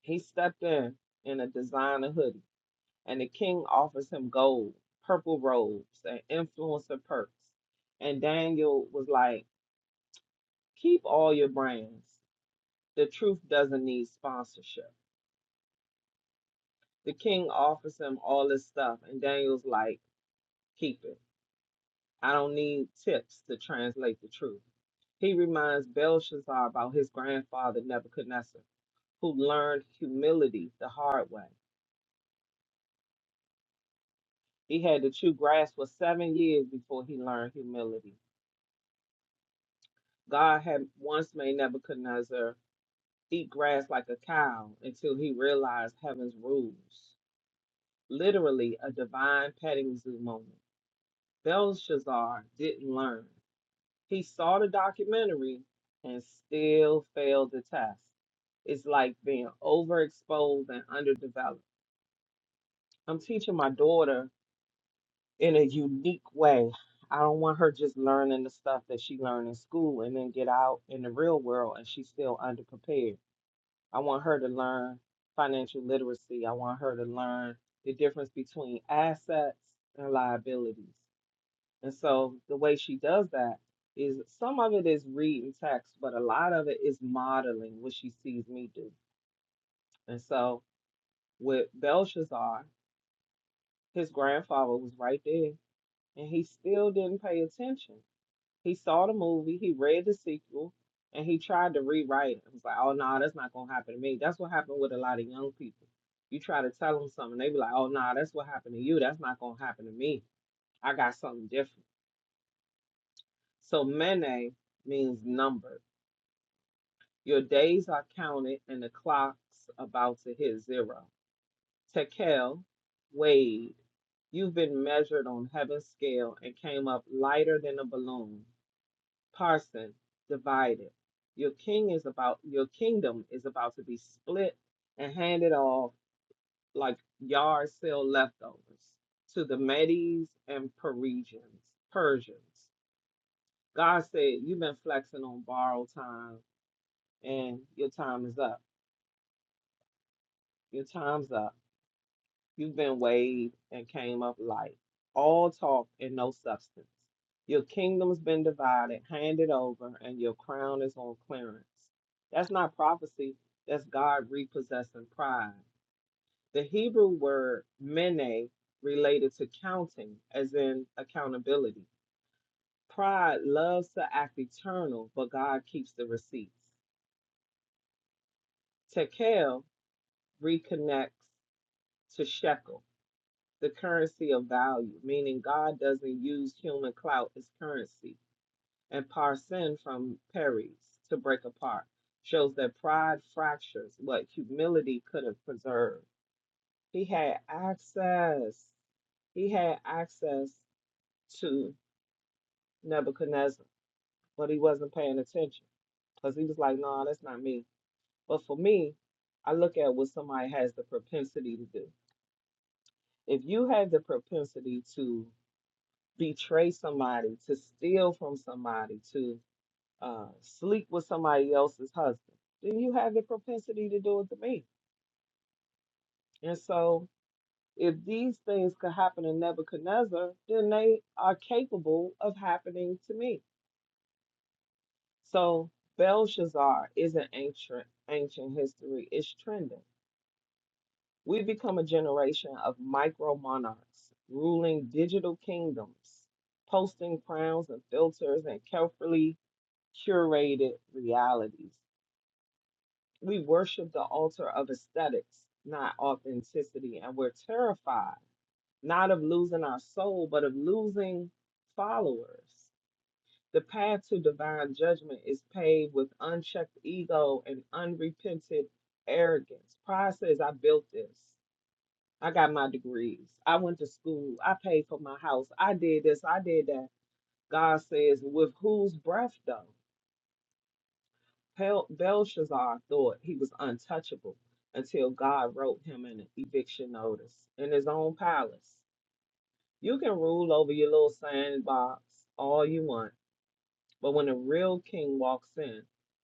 [SPEAKER 2] He stepped in in a designer hoodie, and the king offers him gold, purple robes, and influencer perks. And Daniel was like, Keep all your brands. The truth doesn't need sponsorship. The king offers him all this stuff, and Daniel's like, Keep it. I don't need tips to translate the truth. He reminds Belshazzar about his grandfather Nebuchadnezzar, who learned humility the hard way. He had to chew grass for seven years before he learned humility. God had once made Nebuchadnezzar eat grass like a cow until he realized heaven's rules. Literally, a divine petting zoo moment. Belshazzar didn't learn. He saw the documentary and still failed the test. It's like being overexposed and underdeveloped. I'm teaching my daughter in a unique way. I don't want her just learning the stuff that she learned in school and then get out in the real world and she's still underprepared. I want her to learn financial literacy. I want her to learn the difference between assets and liabilities. And so the way she does that is some of it is reading text, but a lot of it is modeling what she sees me do. And so with Belshazzar, his grandfather was right there and he still didn't pay attention. He saw the movie, he read the sequel, and he tried to rewrite it. It was like, oh, no, that's not going to happen to me. That's what happened with a lot of young people. You try to tell them something, they be like, oh, no, that's what happened to you. That's not going to happen to me. I got something different. So, Mene means number. Your days are counted and the clock's about to hit zero. Tekel, Wade, you've been measured on heaven's scale and came up lighter than a balloon. Parson, divided. Your king is about your kingdom is about to be split and handed off like yard sale leftovers to the Medes and Parisians, Persians. God said, You've been flexing on borrowed time and your time is up. Your time's up You've been weighed and came up light, all talk and no substance. Your kingdom's been divided, handed over, and your crown is on clearance. That's not prophecy, that's God repossessing pride. The Hebrew word mene related to counting, as in accountability. Pride loves to act eternal, but God keeps the receipts. Tekel reconnects to shekel the currency of value, meaning God doesn't use human clout as currency. And parsin from Perry's to break apart shows that pride fractures what humility could have preserved. He had access. He had access to Nebuchadnezzar, but he wasn't paying attention because he was like, "No, that's not me." But for me, I look at what somebody has the propensity to do. If you have the propensity to betray somebody, to steal from somebody, to uh, sleep with somebody else's husband, then you have the propensity to do it to me. And so, if these things could happen to Nebuchadnezzar, then they are capable of happening to me. So, Belshazzar is an ancient ancient history. It's trending. We become a generation of micro monarchs ruling digital kingdoms, posting crowns and filters, and carefully curated realities. We worship the altar of aesthetics, not authenticity, and we're terrified not of losing our soul, but of losing followers. The path to divine judgment is paved with unchecked ego and unrepented arrogance. Pride says, I built this. I got my degrees. I went to school. I paid for my house. I did this. I did that. God says, with whose breath though? Bel- Belshazzar thought he was untouchable until God wrote him an eviction notice in his own palace. You can rule over your little sandbox all you want, but when a real king walks in,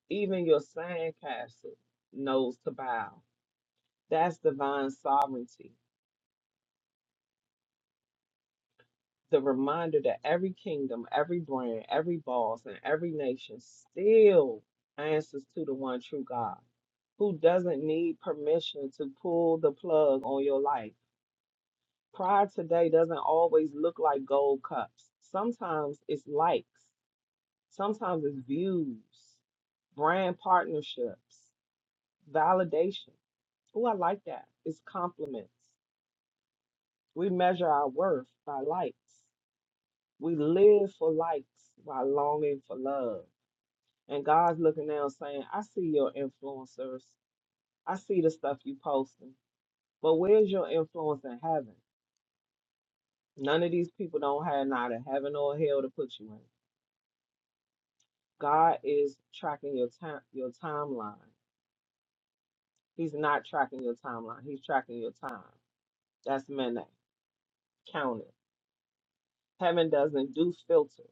[SPEAKER 2] even your sandcastle knows to bow. That's divine sovereignty. the reminder that every kingdom, every brand, every boss, and every nation still answers to the one true God who doesn't need permission to pull the plug on your life. Pride today doesn't always look like gold cups. Sometimes it's likes, sometimes it's views, brand partnerships, validation. Oh, I like that. It's compliments. We measure our worth by likes. We live for likes while longing for love. And God's looking down saying, I see your influencers. I see the stuff you posting. But where's your influence in heaven? None of these people don't have neither heaven or hell to put you in. God is tracking your time your timeline. He's not tracking your timeline. He's tracking your time. That's Mene. Count it. Heaven doesn't do filters.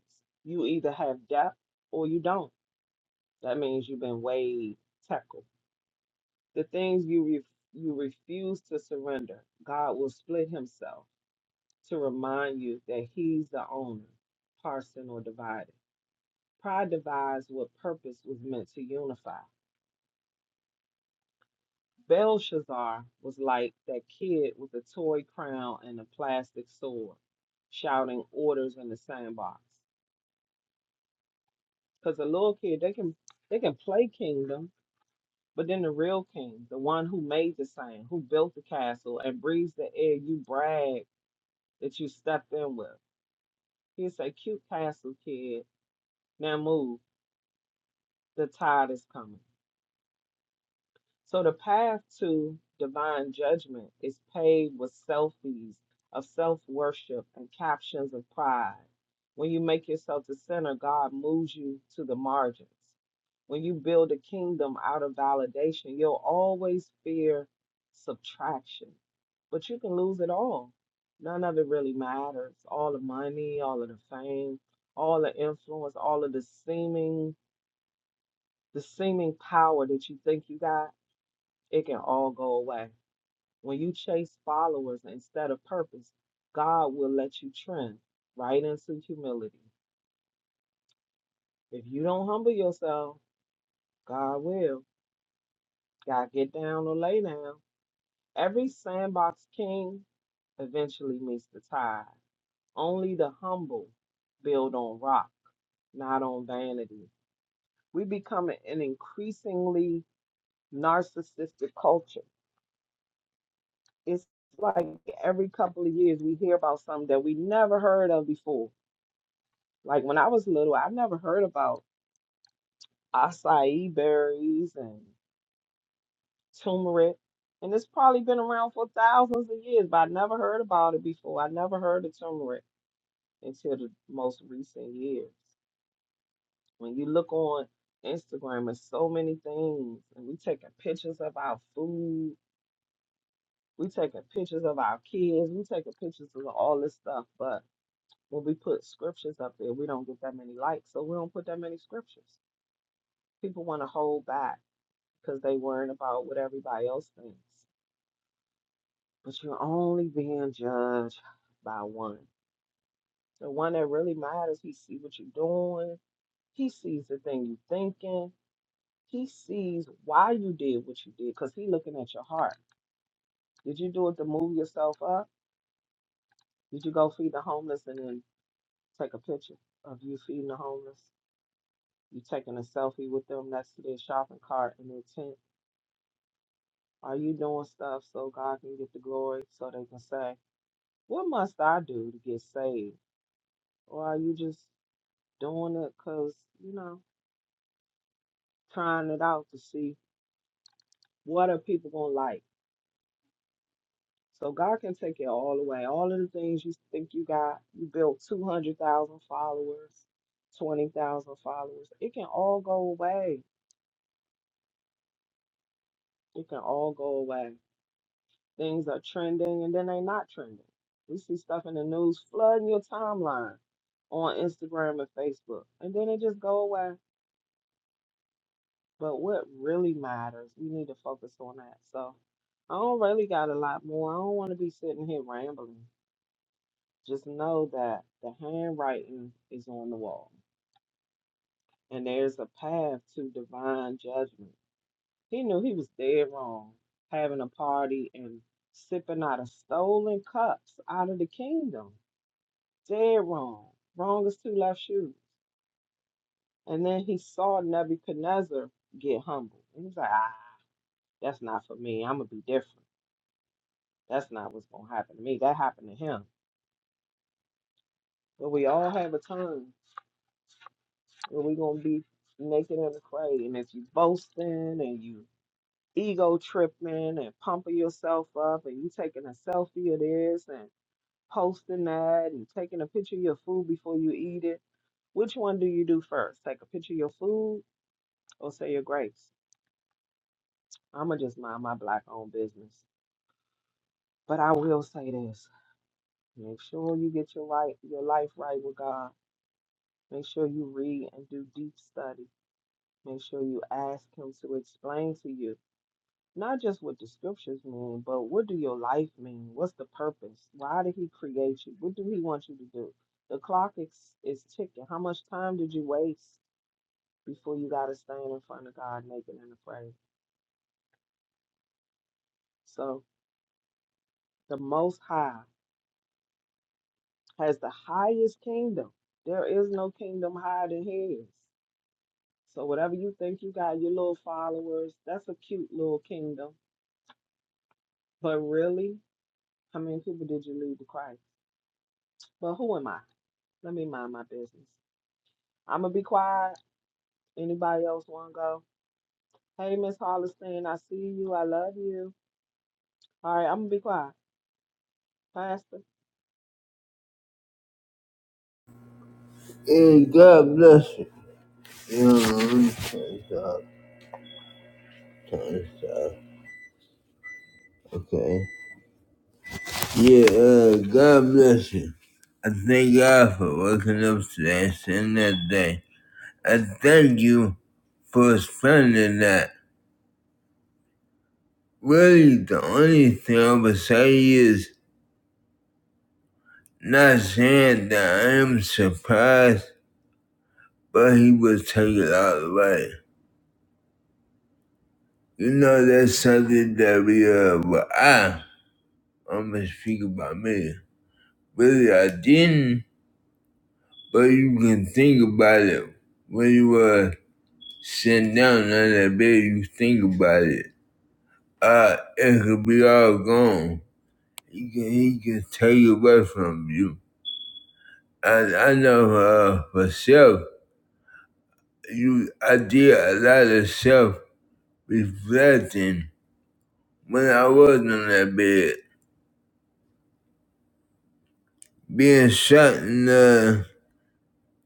[SPEAKER 2] You either have depth or you don't. That means you've been way tackled The things you re- you refuse to surrender, God will split himself to remind you that he's the owner, parson or divided. Pride divides what purpose was meant to unify. Belshazzar was like that kid with a toy crown and a plastic sword, shouting orders in the sandbox. Because the little kid, they can they can play kingdom, but then the real king, the one who made the sand, who built the castle and breathes the air you brag that you stepped in with. He's a cute castle kid. Now move. The tide is coming. So the path to divine judgment is paved with selfies of self worship and captions of pride. When you make yourself the center, God moves you to the margins. When you build a kingdom out of validation, you'll always fear subtraction. But you can lose it all. None of it really matters. All the money, all of the fame, all the influence, all of the seeming the seeming power that you think you got it can all go away. When you chase followers instead of purpose, God will let you trend right into humility. If you don't humble yourself, God will. Gotta get down or lay down. Every sandbox king eventually meets the tide. Only the humble build on rock, not on vanity. We become an increasingly narcissistic culture. It's like every couple of years we hear about something that we never heard of before Like when I was little, I never heard about acai berries and turmeric. And it's probably been around for thousands of years, but I never heard about it before. I never heard of turmeric until the most recent years. When you look on Instagram, there's so many things, and we taking pictures of our food, we taking pictures of our kids, we taking pictures of all this stuff. But when we put scriptures up there, we don't get that many likes, so we don't put that many scriptures. People want to hold back because they worrying about what everybody else thinks. But you're only being judged by one. The one that really matters, he see what you're doing. He sees the thing you are thinking. He sees why you did what you did because he looking at your heart. Did you do it to move yourself up? Did you go feed the homeless and then take a picture of you feeding the homeless? You taking a selfie with them next to their shopping cart in their tent? Are you doing stuff so God can get the glory so they can say, What must I do to get saved? Or are you just doing it because, you know, trying it out to see what are people gonna like? So God can take it all away. All of the things you think you got, you built 200,000 followers, 20,000 followers. It can all go away. It can all go away. Things are trending and then they not trending. We see stuff in the news flooding your timeline on Instagram and Facebook, and then it just go away But what really matters, we need to focus on that. So I don't really got a lot more. I don't want to be sitting here rambling. Just know that the handwriting is on the wall and there's a path to divine judgment. He knew he was dead wrong having a party and sipping out of stolen cups out of the kingdom. Dead wrong. Wrong as two left shoes. And then he saw Nebuchadnezzar get humbled. And he's like, ah, that's not for me. I'm going to be different. That's not what's gonna happen to me. That happened to him. But we all have a time where we gonna be naked and afraid. And if you boasting and you ego tripping and pumping yourself up and you taking a selfie of this and posting that and taking a picture of your food before you eat it, which one do you do first? Take a picture of your food or say your grace? I'ma just mind my black owned business. But I will say this. Make sure you get your right your life right with God Make sure you read and do deep study. Make sure you ask him to explain to you not just what the scriptures mean, but what do your life mean? What's the purpose? Why did he create you? What do he want you to do? The clock is, is ticking. How much time did you waste before you got to stand in front of God naked and afraid? So the Most High has the highest kingdom. There is no kingdom higher than his. So whatever you think you got, your little followers, that's a cute little kingdom But really, how many people did you lead to Christ? But who am I? Let me mind my business. I'm gonna be quiet. Anybody else wanna go? Hey, Miss Holliston, I see you. I love you. All right, I'm gonna be quiet. Pastor,
[SPEAKER 3] Hey, God bless you. You know, let me turn this off, turn this off. Okay. Yeah, uh, God bless you. I thank God for waking up today, seeing that day. I thank you for spending that. Really, the only thing I would say is not saying that I am surprised, but he would take it all away. You know, that's something that we, uh, well, I, I'm gonna speak about me. Really, I didn't, but you can think about it. When you uh, sitting down on that bed, you think about it. Uh, it could be all gone. He can, he can take it away from you. And I know uh, for self, you, I did a lot of self reflecting when I was on that bed. Being shot and uh,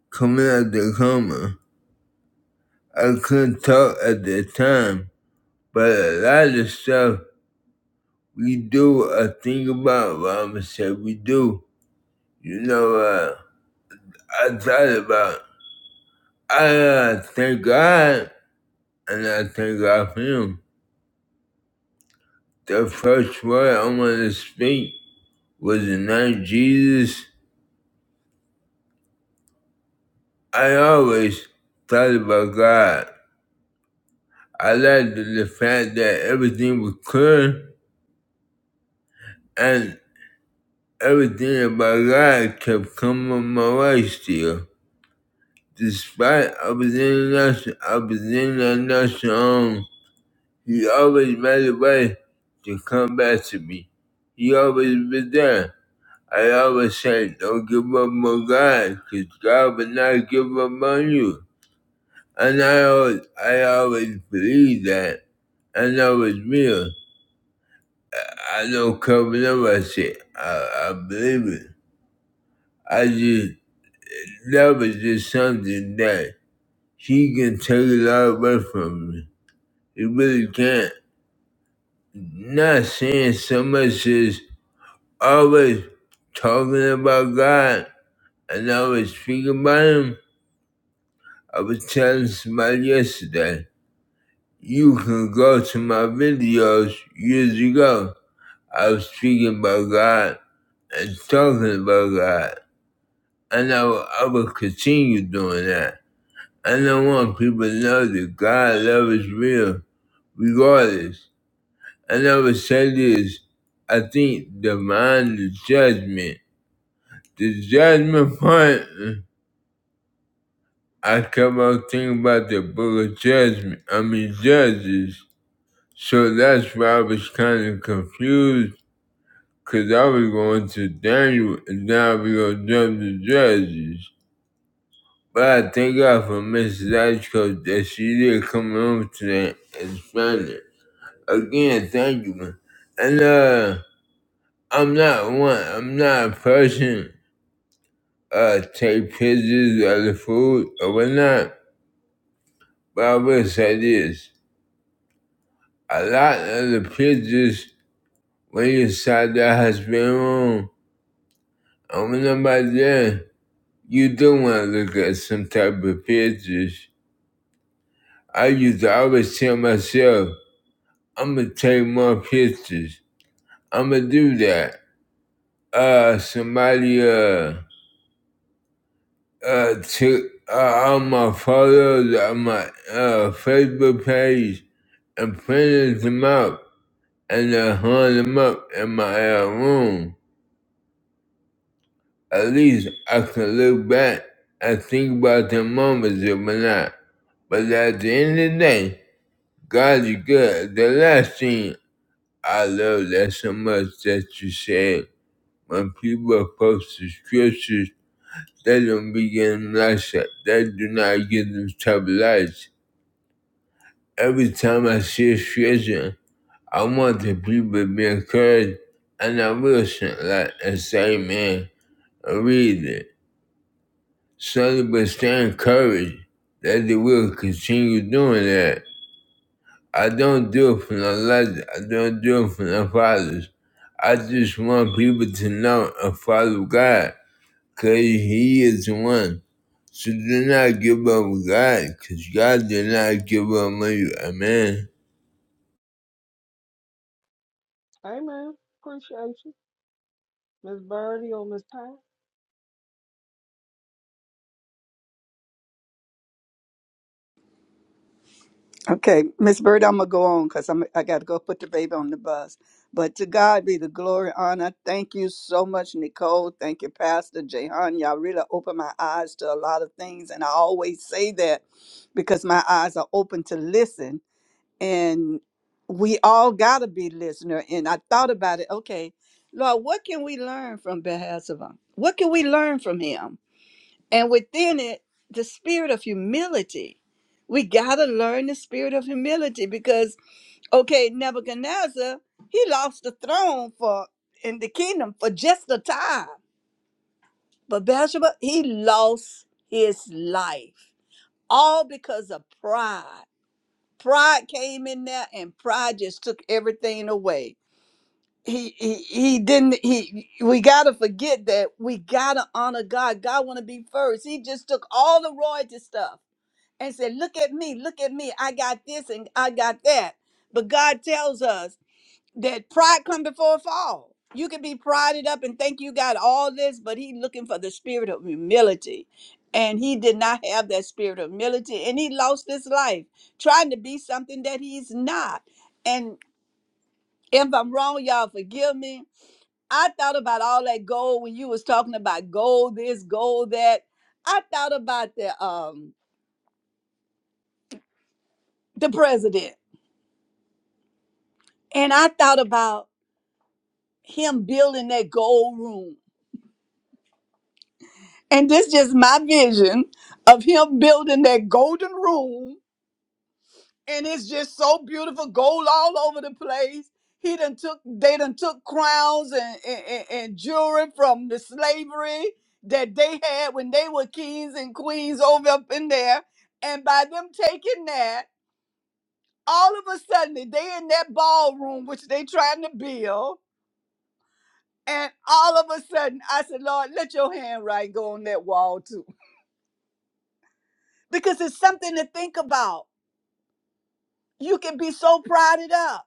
[SPEAKER 3] coming out the coma, I couldn't talk at the time, but a lot of stuff we do uh, think about what I'm gonna say we do. You know, uh, I thought about I uh, thank God and I thank God for him. The first word I wanted to speak was the name Jesus. I always thought about God. I liked the the fact that everything was clear and everything about God kept coming my way still. Despite I was in a nursing, I was in a nursing home He always made a way to come back to me. He always been there. I always say, don't give up on God, because God will not give up on you. And I always, I always believe that. And that was real. I don't cover up my shit. I, I believe it. I just, that was just something that he can take it all away from me. He really can't. Not saying so much as always talking about God and I was speaking about Him. I was telling somebody yesterday, you can go to my videos years ago. I was speaking about God and talking about God. And I will, I will continue doing that. And I want people to know that God love is real, regardless. And I would say this, I think divine judgment. The judgment part I kept on thinking about the book of judgment. I mean judges. So that's why I was kind of confused, cause I was going to Daniel and now we gonna jump to judges. But I thank God for Mrs. Ashcroft that she did come home today and explain it. Again, thank you. man. And uh, I'm not one. I'm not a person uh take pictures of the food or whatnot. But I will say this. a lot of the pictures kids just wait inside their husband room. And when nobody there, you do want to look at some type of pictures. I used to always tell myself, I'm going to take more pictures. I'm going to do that. Uh, somebody uh, uh, took uh, all my photos on my uh, Facebook page and printed them out and uh, hung them up in my uh, room. At least I can look back and think about the moments of my life. But at the end of the day, God is good. The last thing I love that so much that you said when people post the scriptures, they don't begin lights up. They do not get those type of lights. Every time I see a scripture, I want the people to be encouraged and I will send like and say, man, read it. Slowly but stay encouraged that they will continue doing that. I don't do it for the legend. I don't do it for the fathers. I just want people to know and follow God because He is the one. So do not give up with God because God did not give up on you. Amen.
[SPEAKER 2] Amen. Appreciate you, Miss Birdie or Miss Pat.
[SPEAKER 4] Okay, Miss Bird, I'm gonna go on because I'm I gotta go put the baby on the bus. But to God be the glory, honor. Thank you so much, Nicole. Thank you, Pastor Jehan. Y'all really opened my eyes to a lot of things, and I always say that because my eyes are open to listen, and we all gotta be listener. And I thought about it. Okay, Lord, what can we learn from Beelzebub? What can we learn from him? And within it, the spirit of humility. We got to learn the spirit of humility because, okay, Nebuchadnezzar, he lost the throne for in the kingdom for just a time. But Bathsheba, he lost his life all because of pride. Pride came in there and pride just took everything away. He, he he didn't he we gotta forget that we gotta honor God. God wanna be first. He just took all the royalty stuff and said, Look at me, look at me. I got this and I got that. But God tells us that pride come before a fall. You can be prided up and think you got all this, but he looking for the spirit of humility. And he did not have that spirit of humility. And he lost his life trying to be something that he's not. And if I'm wrong, y'all forgive me. I thought about all that gold when you was talking about gold this, gold that. I thought about the um the president. And I thought about him building that gold room. And this just my vision of him building that golden room. And it's just so beautiful, gold all over the place. He done took, they done took crowns and, and, and and jewelry from the slavery that they had when they were kings and queens over up in there. And by them taking that, all of a sudden they in that ballroom, which they trying to build And all of a sudden, I said, Lord, let your handwriting go on that wall too. Because it's something to think about. You can be so prodded up,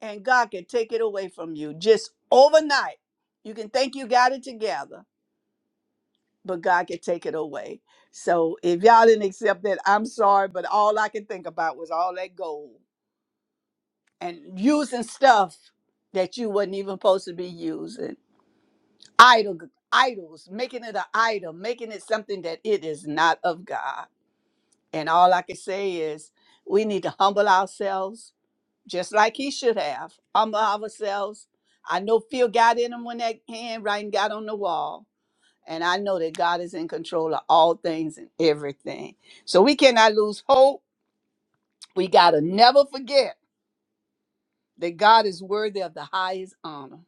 [SPEAKER 4] and God can take it away from you just overnight. You can think you got it together, but God can take it away. So if y'all didn't accept that, I'm sorry, but all I could think about was all that gold and using stuff that you wasn't even supposed to be using. Idol, idols, making it an idol, making it something that it is not of God. And all I can say is we need to humble ourselves just like he should have. Humble ourselves. I know fear got in him when that handwriting got on the wall. And I know that God is in control of all things and everything. So we cannot lose hope. We got to never forget that God is worthy of the highest honor.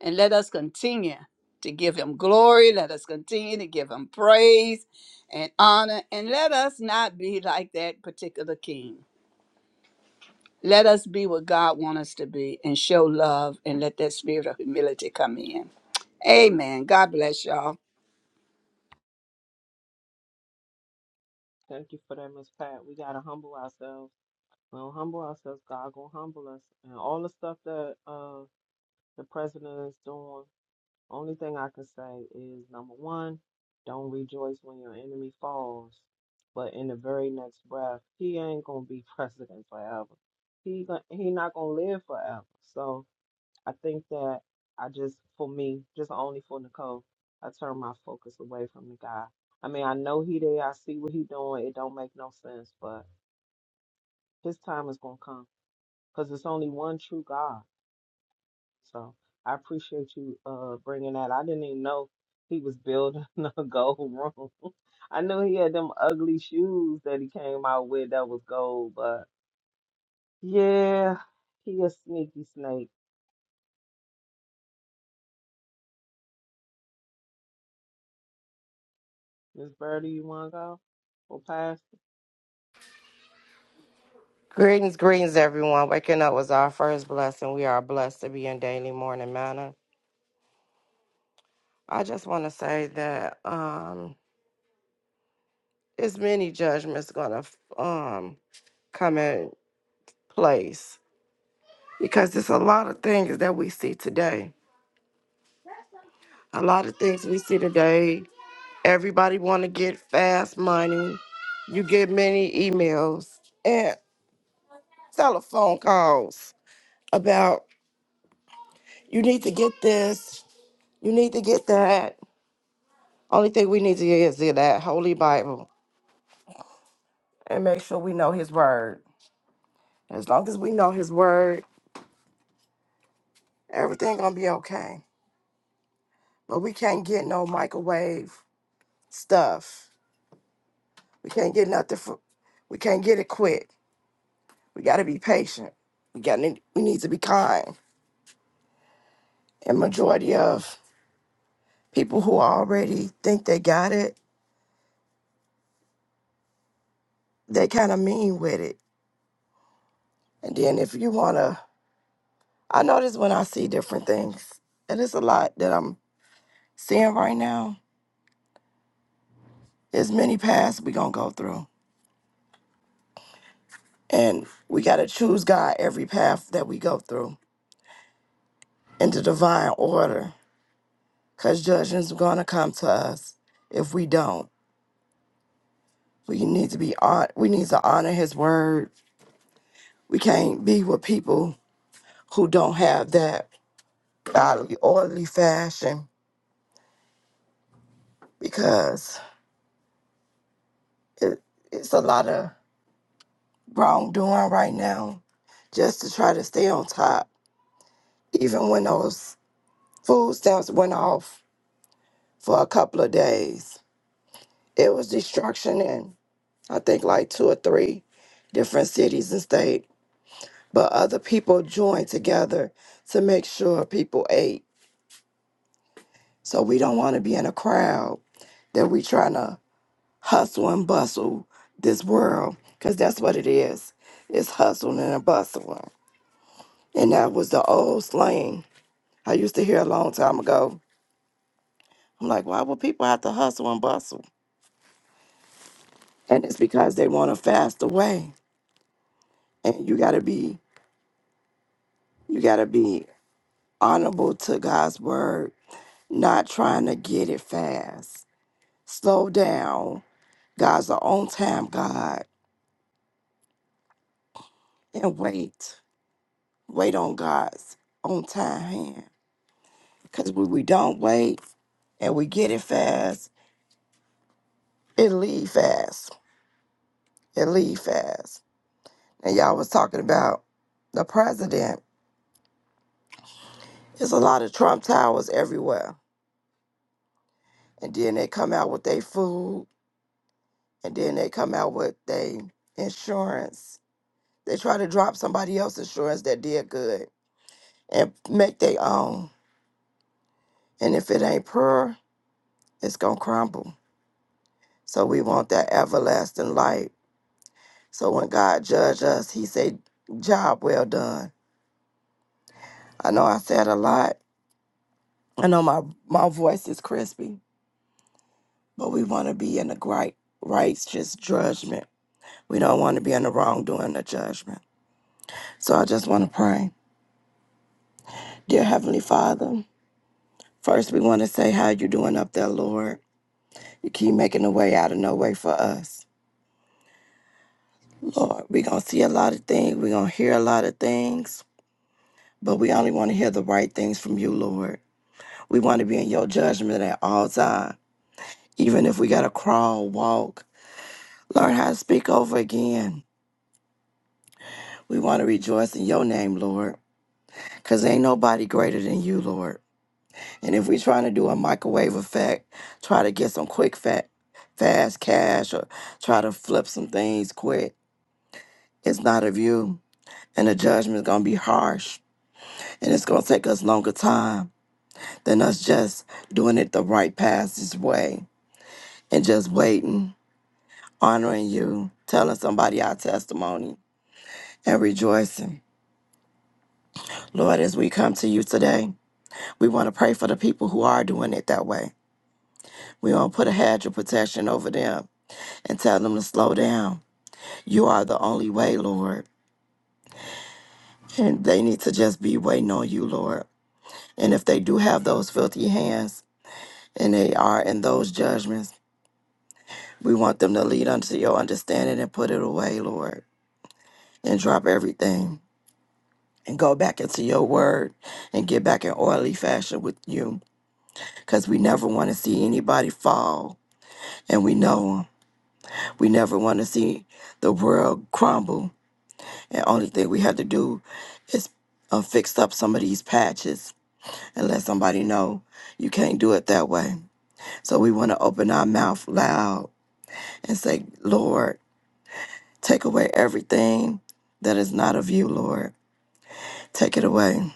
[SPEAKER 4] And let us continue to give him glory. Let us continue to give him praise and honor. And let us not be like that particular king. Let us be what God wants us to be and show love and let that spirit of humility come in. Amen. God bless y'all.
[SPEAKER 2] Thank you for that, Miss Pat. We gotta humble ourselves. We don't humble ourselves. God gonna humble us, and all the stuff that uh the president is doing. Only thing I can say is number one, don't rejoice when your enemy falls. But in the very next breath, he ain't gonna be president forever. He gon- he not gonna live forever. So I think that I just for me, just only for Nicole, I turn my focus away from the guy. I mean, I know he there. I see what he doing. It don't make no sense, but his time is gonna come because it's only one true God. So I appreciate you uh bringing that. I didn't even know he was building a gold room. I knew he had them ugly shoes that he came out with that was gold, but yeah, he a sneaky snake. Miss Birdie, you wanna go? Well, Pastor.
[SPEAKER 5] Greetings, greetings, everyone. Waking up was our first blessing. We are blessed to be in daily morning manner. I just want to say that um, there's many judgments going to um, come in place because there's a lot of things that we see today. A lot of things we see today. Everybody want to get fast money. You get many emails and telephone calls about you need to get this, you need to get that Only thing we need to get is in that holy Bible and make sure we know his word. As long as we know his word, everything gonna be okay. But we can't get no microwave stuff. We can't get nothing for we can't get it quick. We gotta be patient. We got to we need to be kind. And majority of people who already think they got it, they kinda mean with it. And then if you wanna I notice when I see different things, and it's a lot that I'm seeing right now There's many paths we gonna go through. And we gotta choose God every path that we go through in the divine order. Cause judgment's gonna come to us if we don't. We need to be on we need to honor his word. We can't be with people who don't have that godly orderly fashion because it, it's a lot of wrongdoing right now just to try to stay on top. Even when those food stamps went off for a couple of days It was destruction in, I think, like two or three different cities and state. But other people joined together to make sure people ate. So we don't want to be in a crowd that we trying to hustle and bustle this world, because that's what it is. It's hustling and bustling. And that was the old slang I used to hear a long time ago. I'm like, why would people have to hustle and bustle? And it's because they want a faster way. And you gotta be, you gotta be honorable to God's word, not trying to get it fast. Slow down. God's an on time God and wait. Wait on God's on time hand. Because when we don't wait and we get it fast, it leave fast. It leave fast. And y'all was talking about the president. There's a lot of Trump towers everywhere. And then they come out with their food and then they come out with their insurance They try to drop somebody else's insurance that did good and make their own. And if it ain't pure, it's gonna crumble. So we want that everlasting light. So when God judge us, He say, "Job well done." I know I said a lot. I know my my voice is crispy, but we want to be in the right righteous judgment. We don't want to be in the wrongdoing or judgment. So I just want to pray, dear Heavenly Father. First, we want to say how you doing up there, Lord. You keep making a way out of no way for us. Lord, we're going to see a lot of things. We're going to hear a lot of things, but we only want to hear the right things from you, Lord. We want to be in your judgment at all time, even if we got to crawl, walk, learn how to speak over again. We want to rejoice in your name, Lord, because ain't nobody greater than you, Lord. And if we trying to do a microwave effect, try to get some quick, fat, fast cash or try to flip some things quick, it's not of you. and the judgment's gonna be harsh and it's gonna take us longer time than us just doing it the right passage way and just waiting honoring you telling somebody our testimony and rejoicing lord as we come to you today we want to pray for the people who are doing it that way we want to put a hedge of protection over them and tell them to slow down you are the only way lord and they need to just be waiting on you lord and if they do have those filthy hands and they are in those judgments We want them to lead unto your understanding and put it away, Lord, and drop everything and go back into your word and get back in orderly fashion with you because we never want to see anybody fall and we know 'em. we never want to see the world crumble and only thing we have to do is uh, fix up some of these patches and let somebody know you can't do it that way so we want to open our mouth loud and say lord Take away everything that is not of you, Lord. Take it away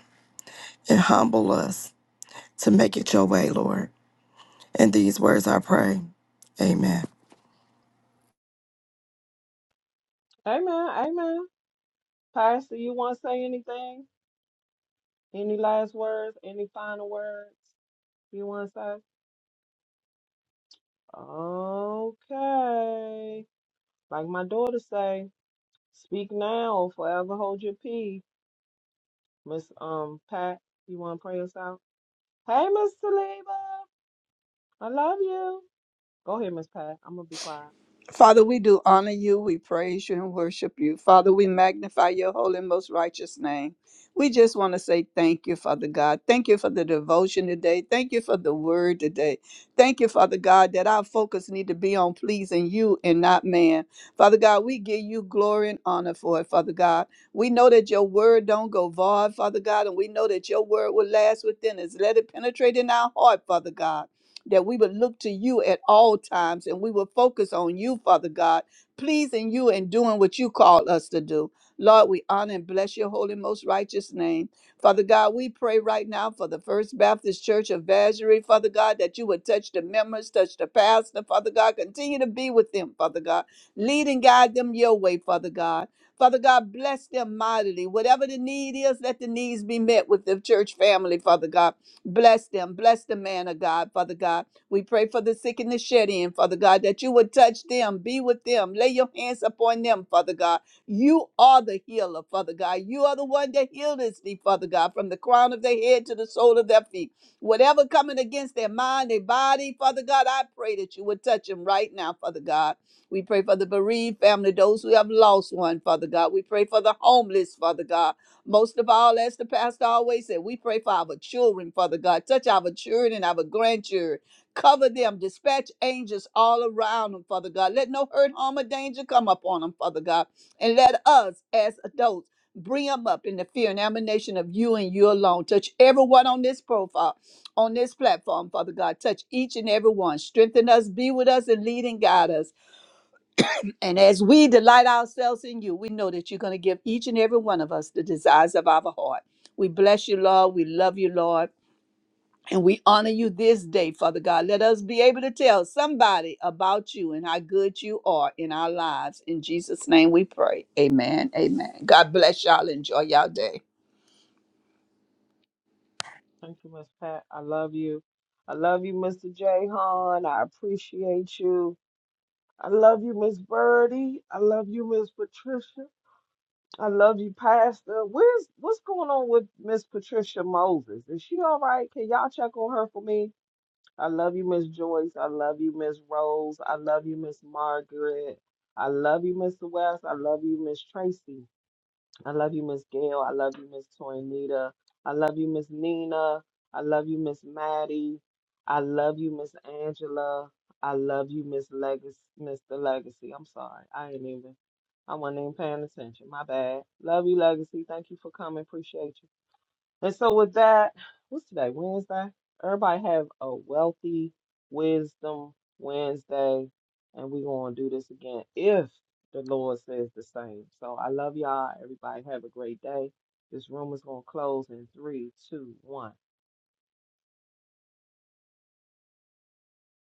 [SPEAKER 5] and humble us to make it your way, Lord. In these words I pray. Amen.
[SPEAKER 2] Amen. Amen. Pastor, you wanna say anything? Any last words? Any final words you wanna say? Okay. Like my daughter say, speak now or forever hold your peace. Miss um Pat, you want to pray us out? Hey, Miss Saliba, I love you. Go ahead, Miss Pat. I'm gonna be quiet.
[SPEAKER 4] Father, we do honor you, we praise you, and worship you. Father, we magnify your holy and most righteous name. We just want to say thank you, Father God. Thank you for the devotion today. Thank you for the word today. Thank you, Father God, that our focus need to be on pleasing you and not man. Father God, we give you glory and honor for it, Father God. We know that your word don't go void, Father God, and we know that your word will last within us. Let it penetrate in our heart, Father God that we would look to you at all times and we would focus on you, Father God, pleasing you and doing what you call us to do. Lord, we honor and bless your holy, most righteous name. Father God, we pray right now for the First Baptist Church of Vazery, Father God, that you would touch the members, touch the pastor, Father God. Continue to be with them, Father God. Lead and guide them your way, Father God. Father God, bless them mightily. Whatever the need is, let the needs be met with the church family, Father God. Bless them. Bless the man of God, Father God. We pray for the sick and the shed in, Father God, that you would touch them, be with them, lay your hands upon them, Father God. You are the healer, Father God. You are the one that healeth thee, Father God, from the crown of their head to the sole of their feet. Whatever coming against their mind, their body, Father God, I pray that you would touch them right now, Father God. We pray for the bereaved family, those who have lost one, Father God. We pray for the homeless, Father God. Most of all, as the pastor always said, we pray for our children, Father God. Touch our children and our grandchildren. Cover them. Dispatch angels all around them, Father God. Let no hurt, harm, or danger come upon them, Father God. And let us, as adults, bring them up in the fear and admiration of you and you alone. Touch everyone on this profile, on this platform, Father God. Touch each and every one. Strengthen us, be with us, and lead and guide us. And as we delight ourselves in you, we know that you're going to give each and every one of us the desires of our heart. We bless you, Lord. We love you, Lord. And we honor you this day, Father God. Let us be able to tell somebody about you and how good you are in our lives. In Jesus' name we pray. Amen. Amen. God bless y'all. Enjoy y'all day.
[SPEAKER 2] Thank you, Miss Pat. I love you. I love you, Mr. J. Hahn. I appreciate you. I love you, Miss Birdie. I love you, Miss Patricia. I love you, Pastor. Where's what's going on with Miss Patricia Moses? Is she all right? Can y'all check on her for me? I love you, Miss Joyce. I love you, Miss Rose. I love you, Miss Margaret. I love you, Mr. West. I love you, Miss Tracy. I love you, Miss Gail. I love you, Miss Toinita. I love you, Miss Nina. I love you, Miss Maddie. I love you, Miss Angela. I love you, Miss Legacy, Mr. Legacy. I'm sorry. I ain't even, I wasn't even paying attention. My bad. Love you, Legacy. Thank you for coming. Appreciate you. And so with that, what's today? Wednesday. Everybody have a wealthy wisdom Wednesday, and we're gonna do this again if the Lord says the same. So I love y'all. Everybody have a great day. This room is gonna close in three, two, one.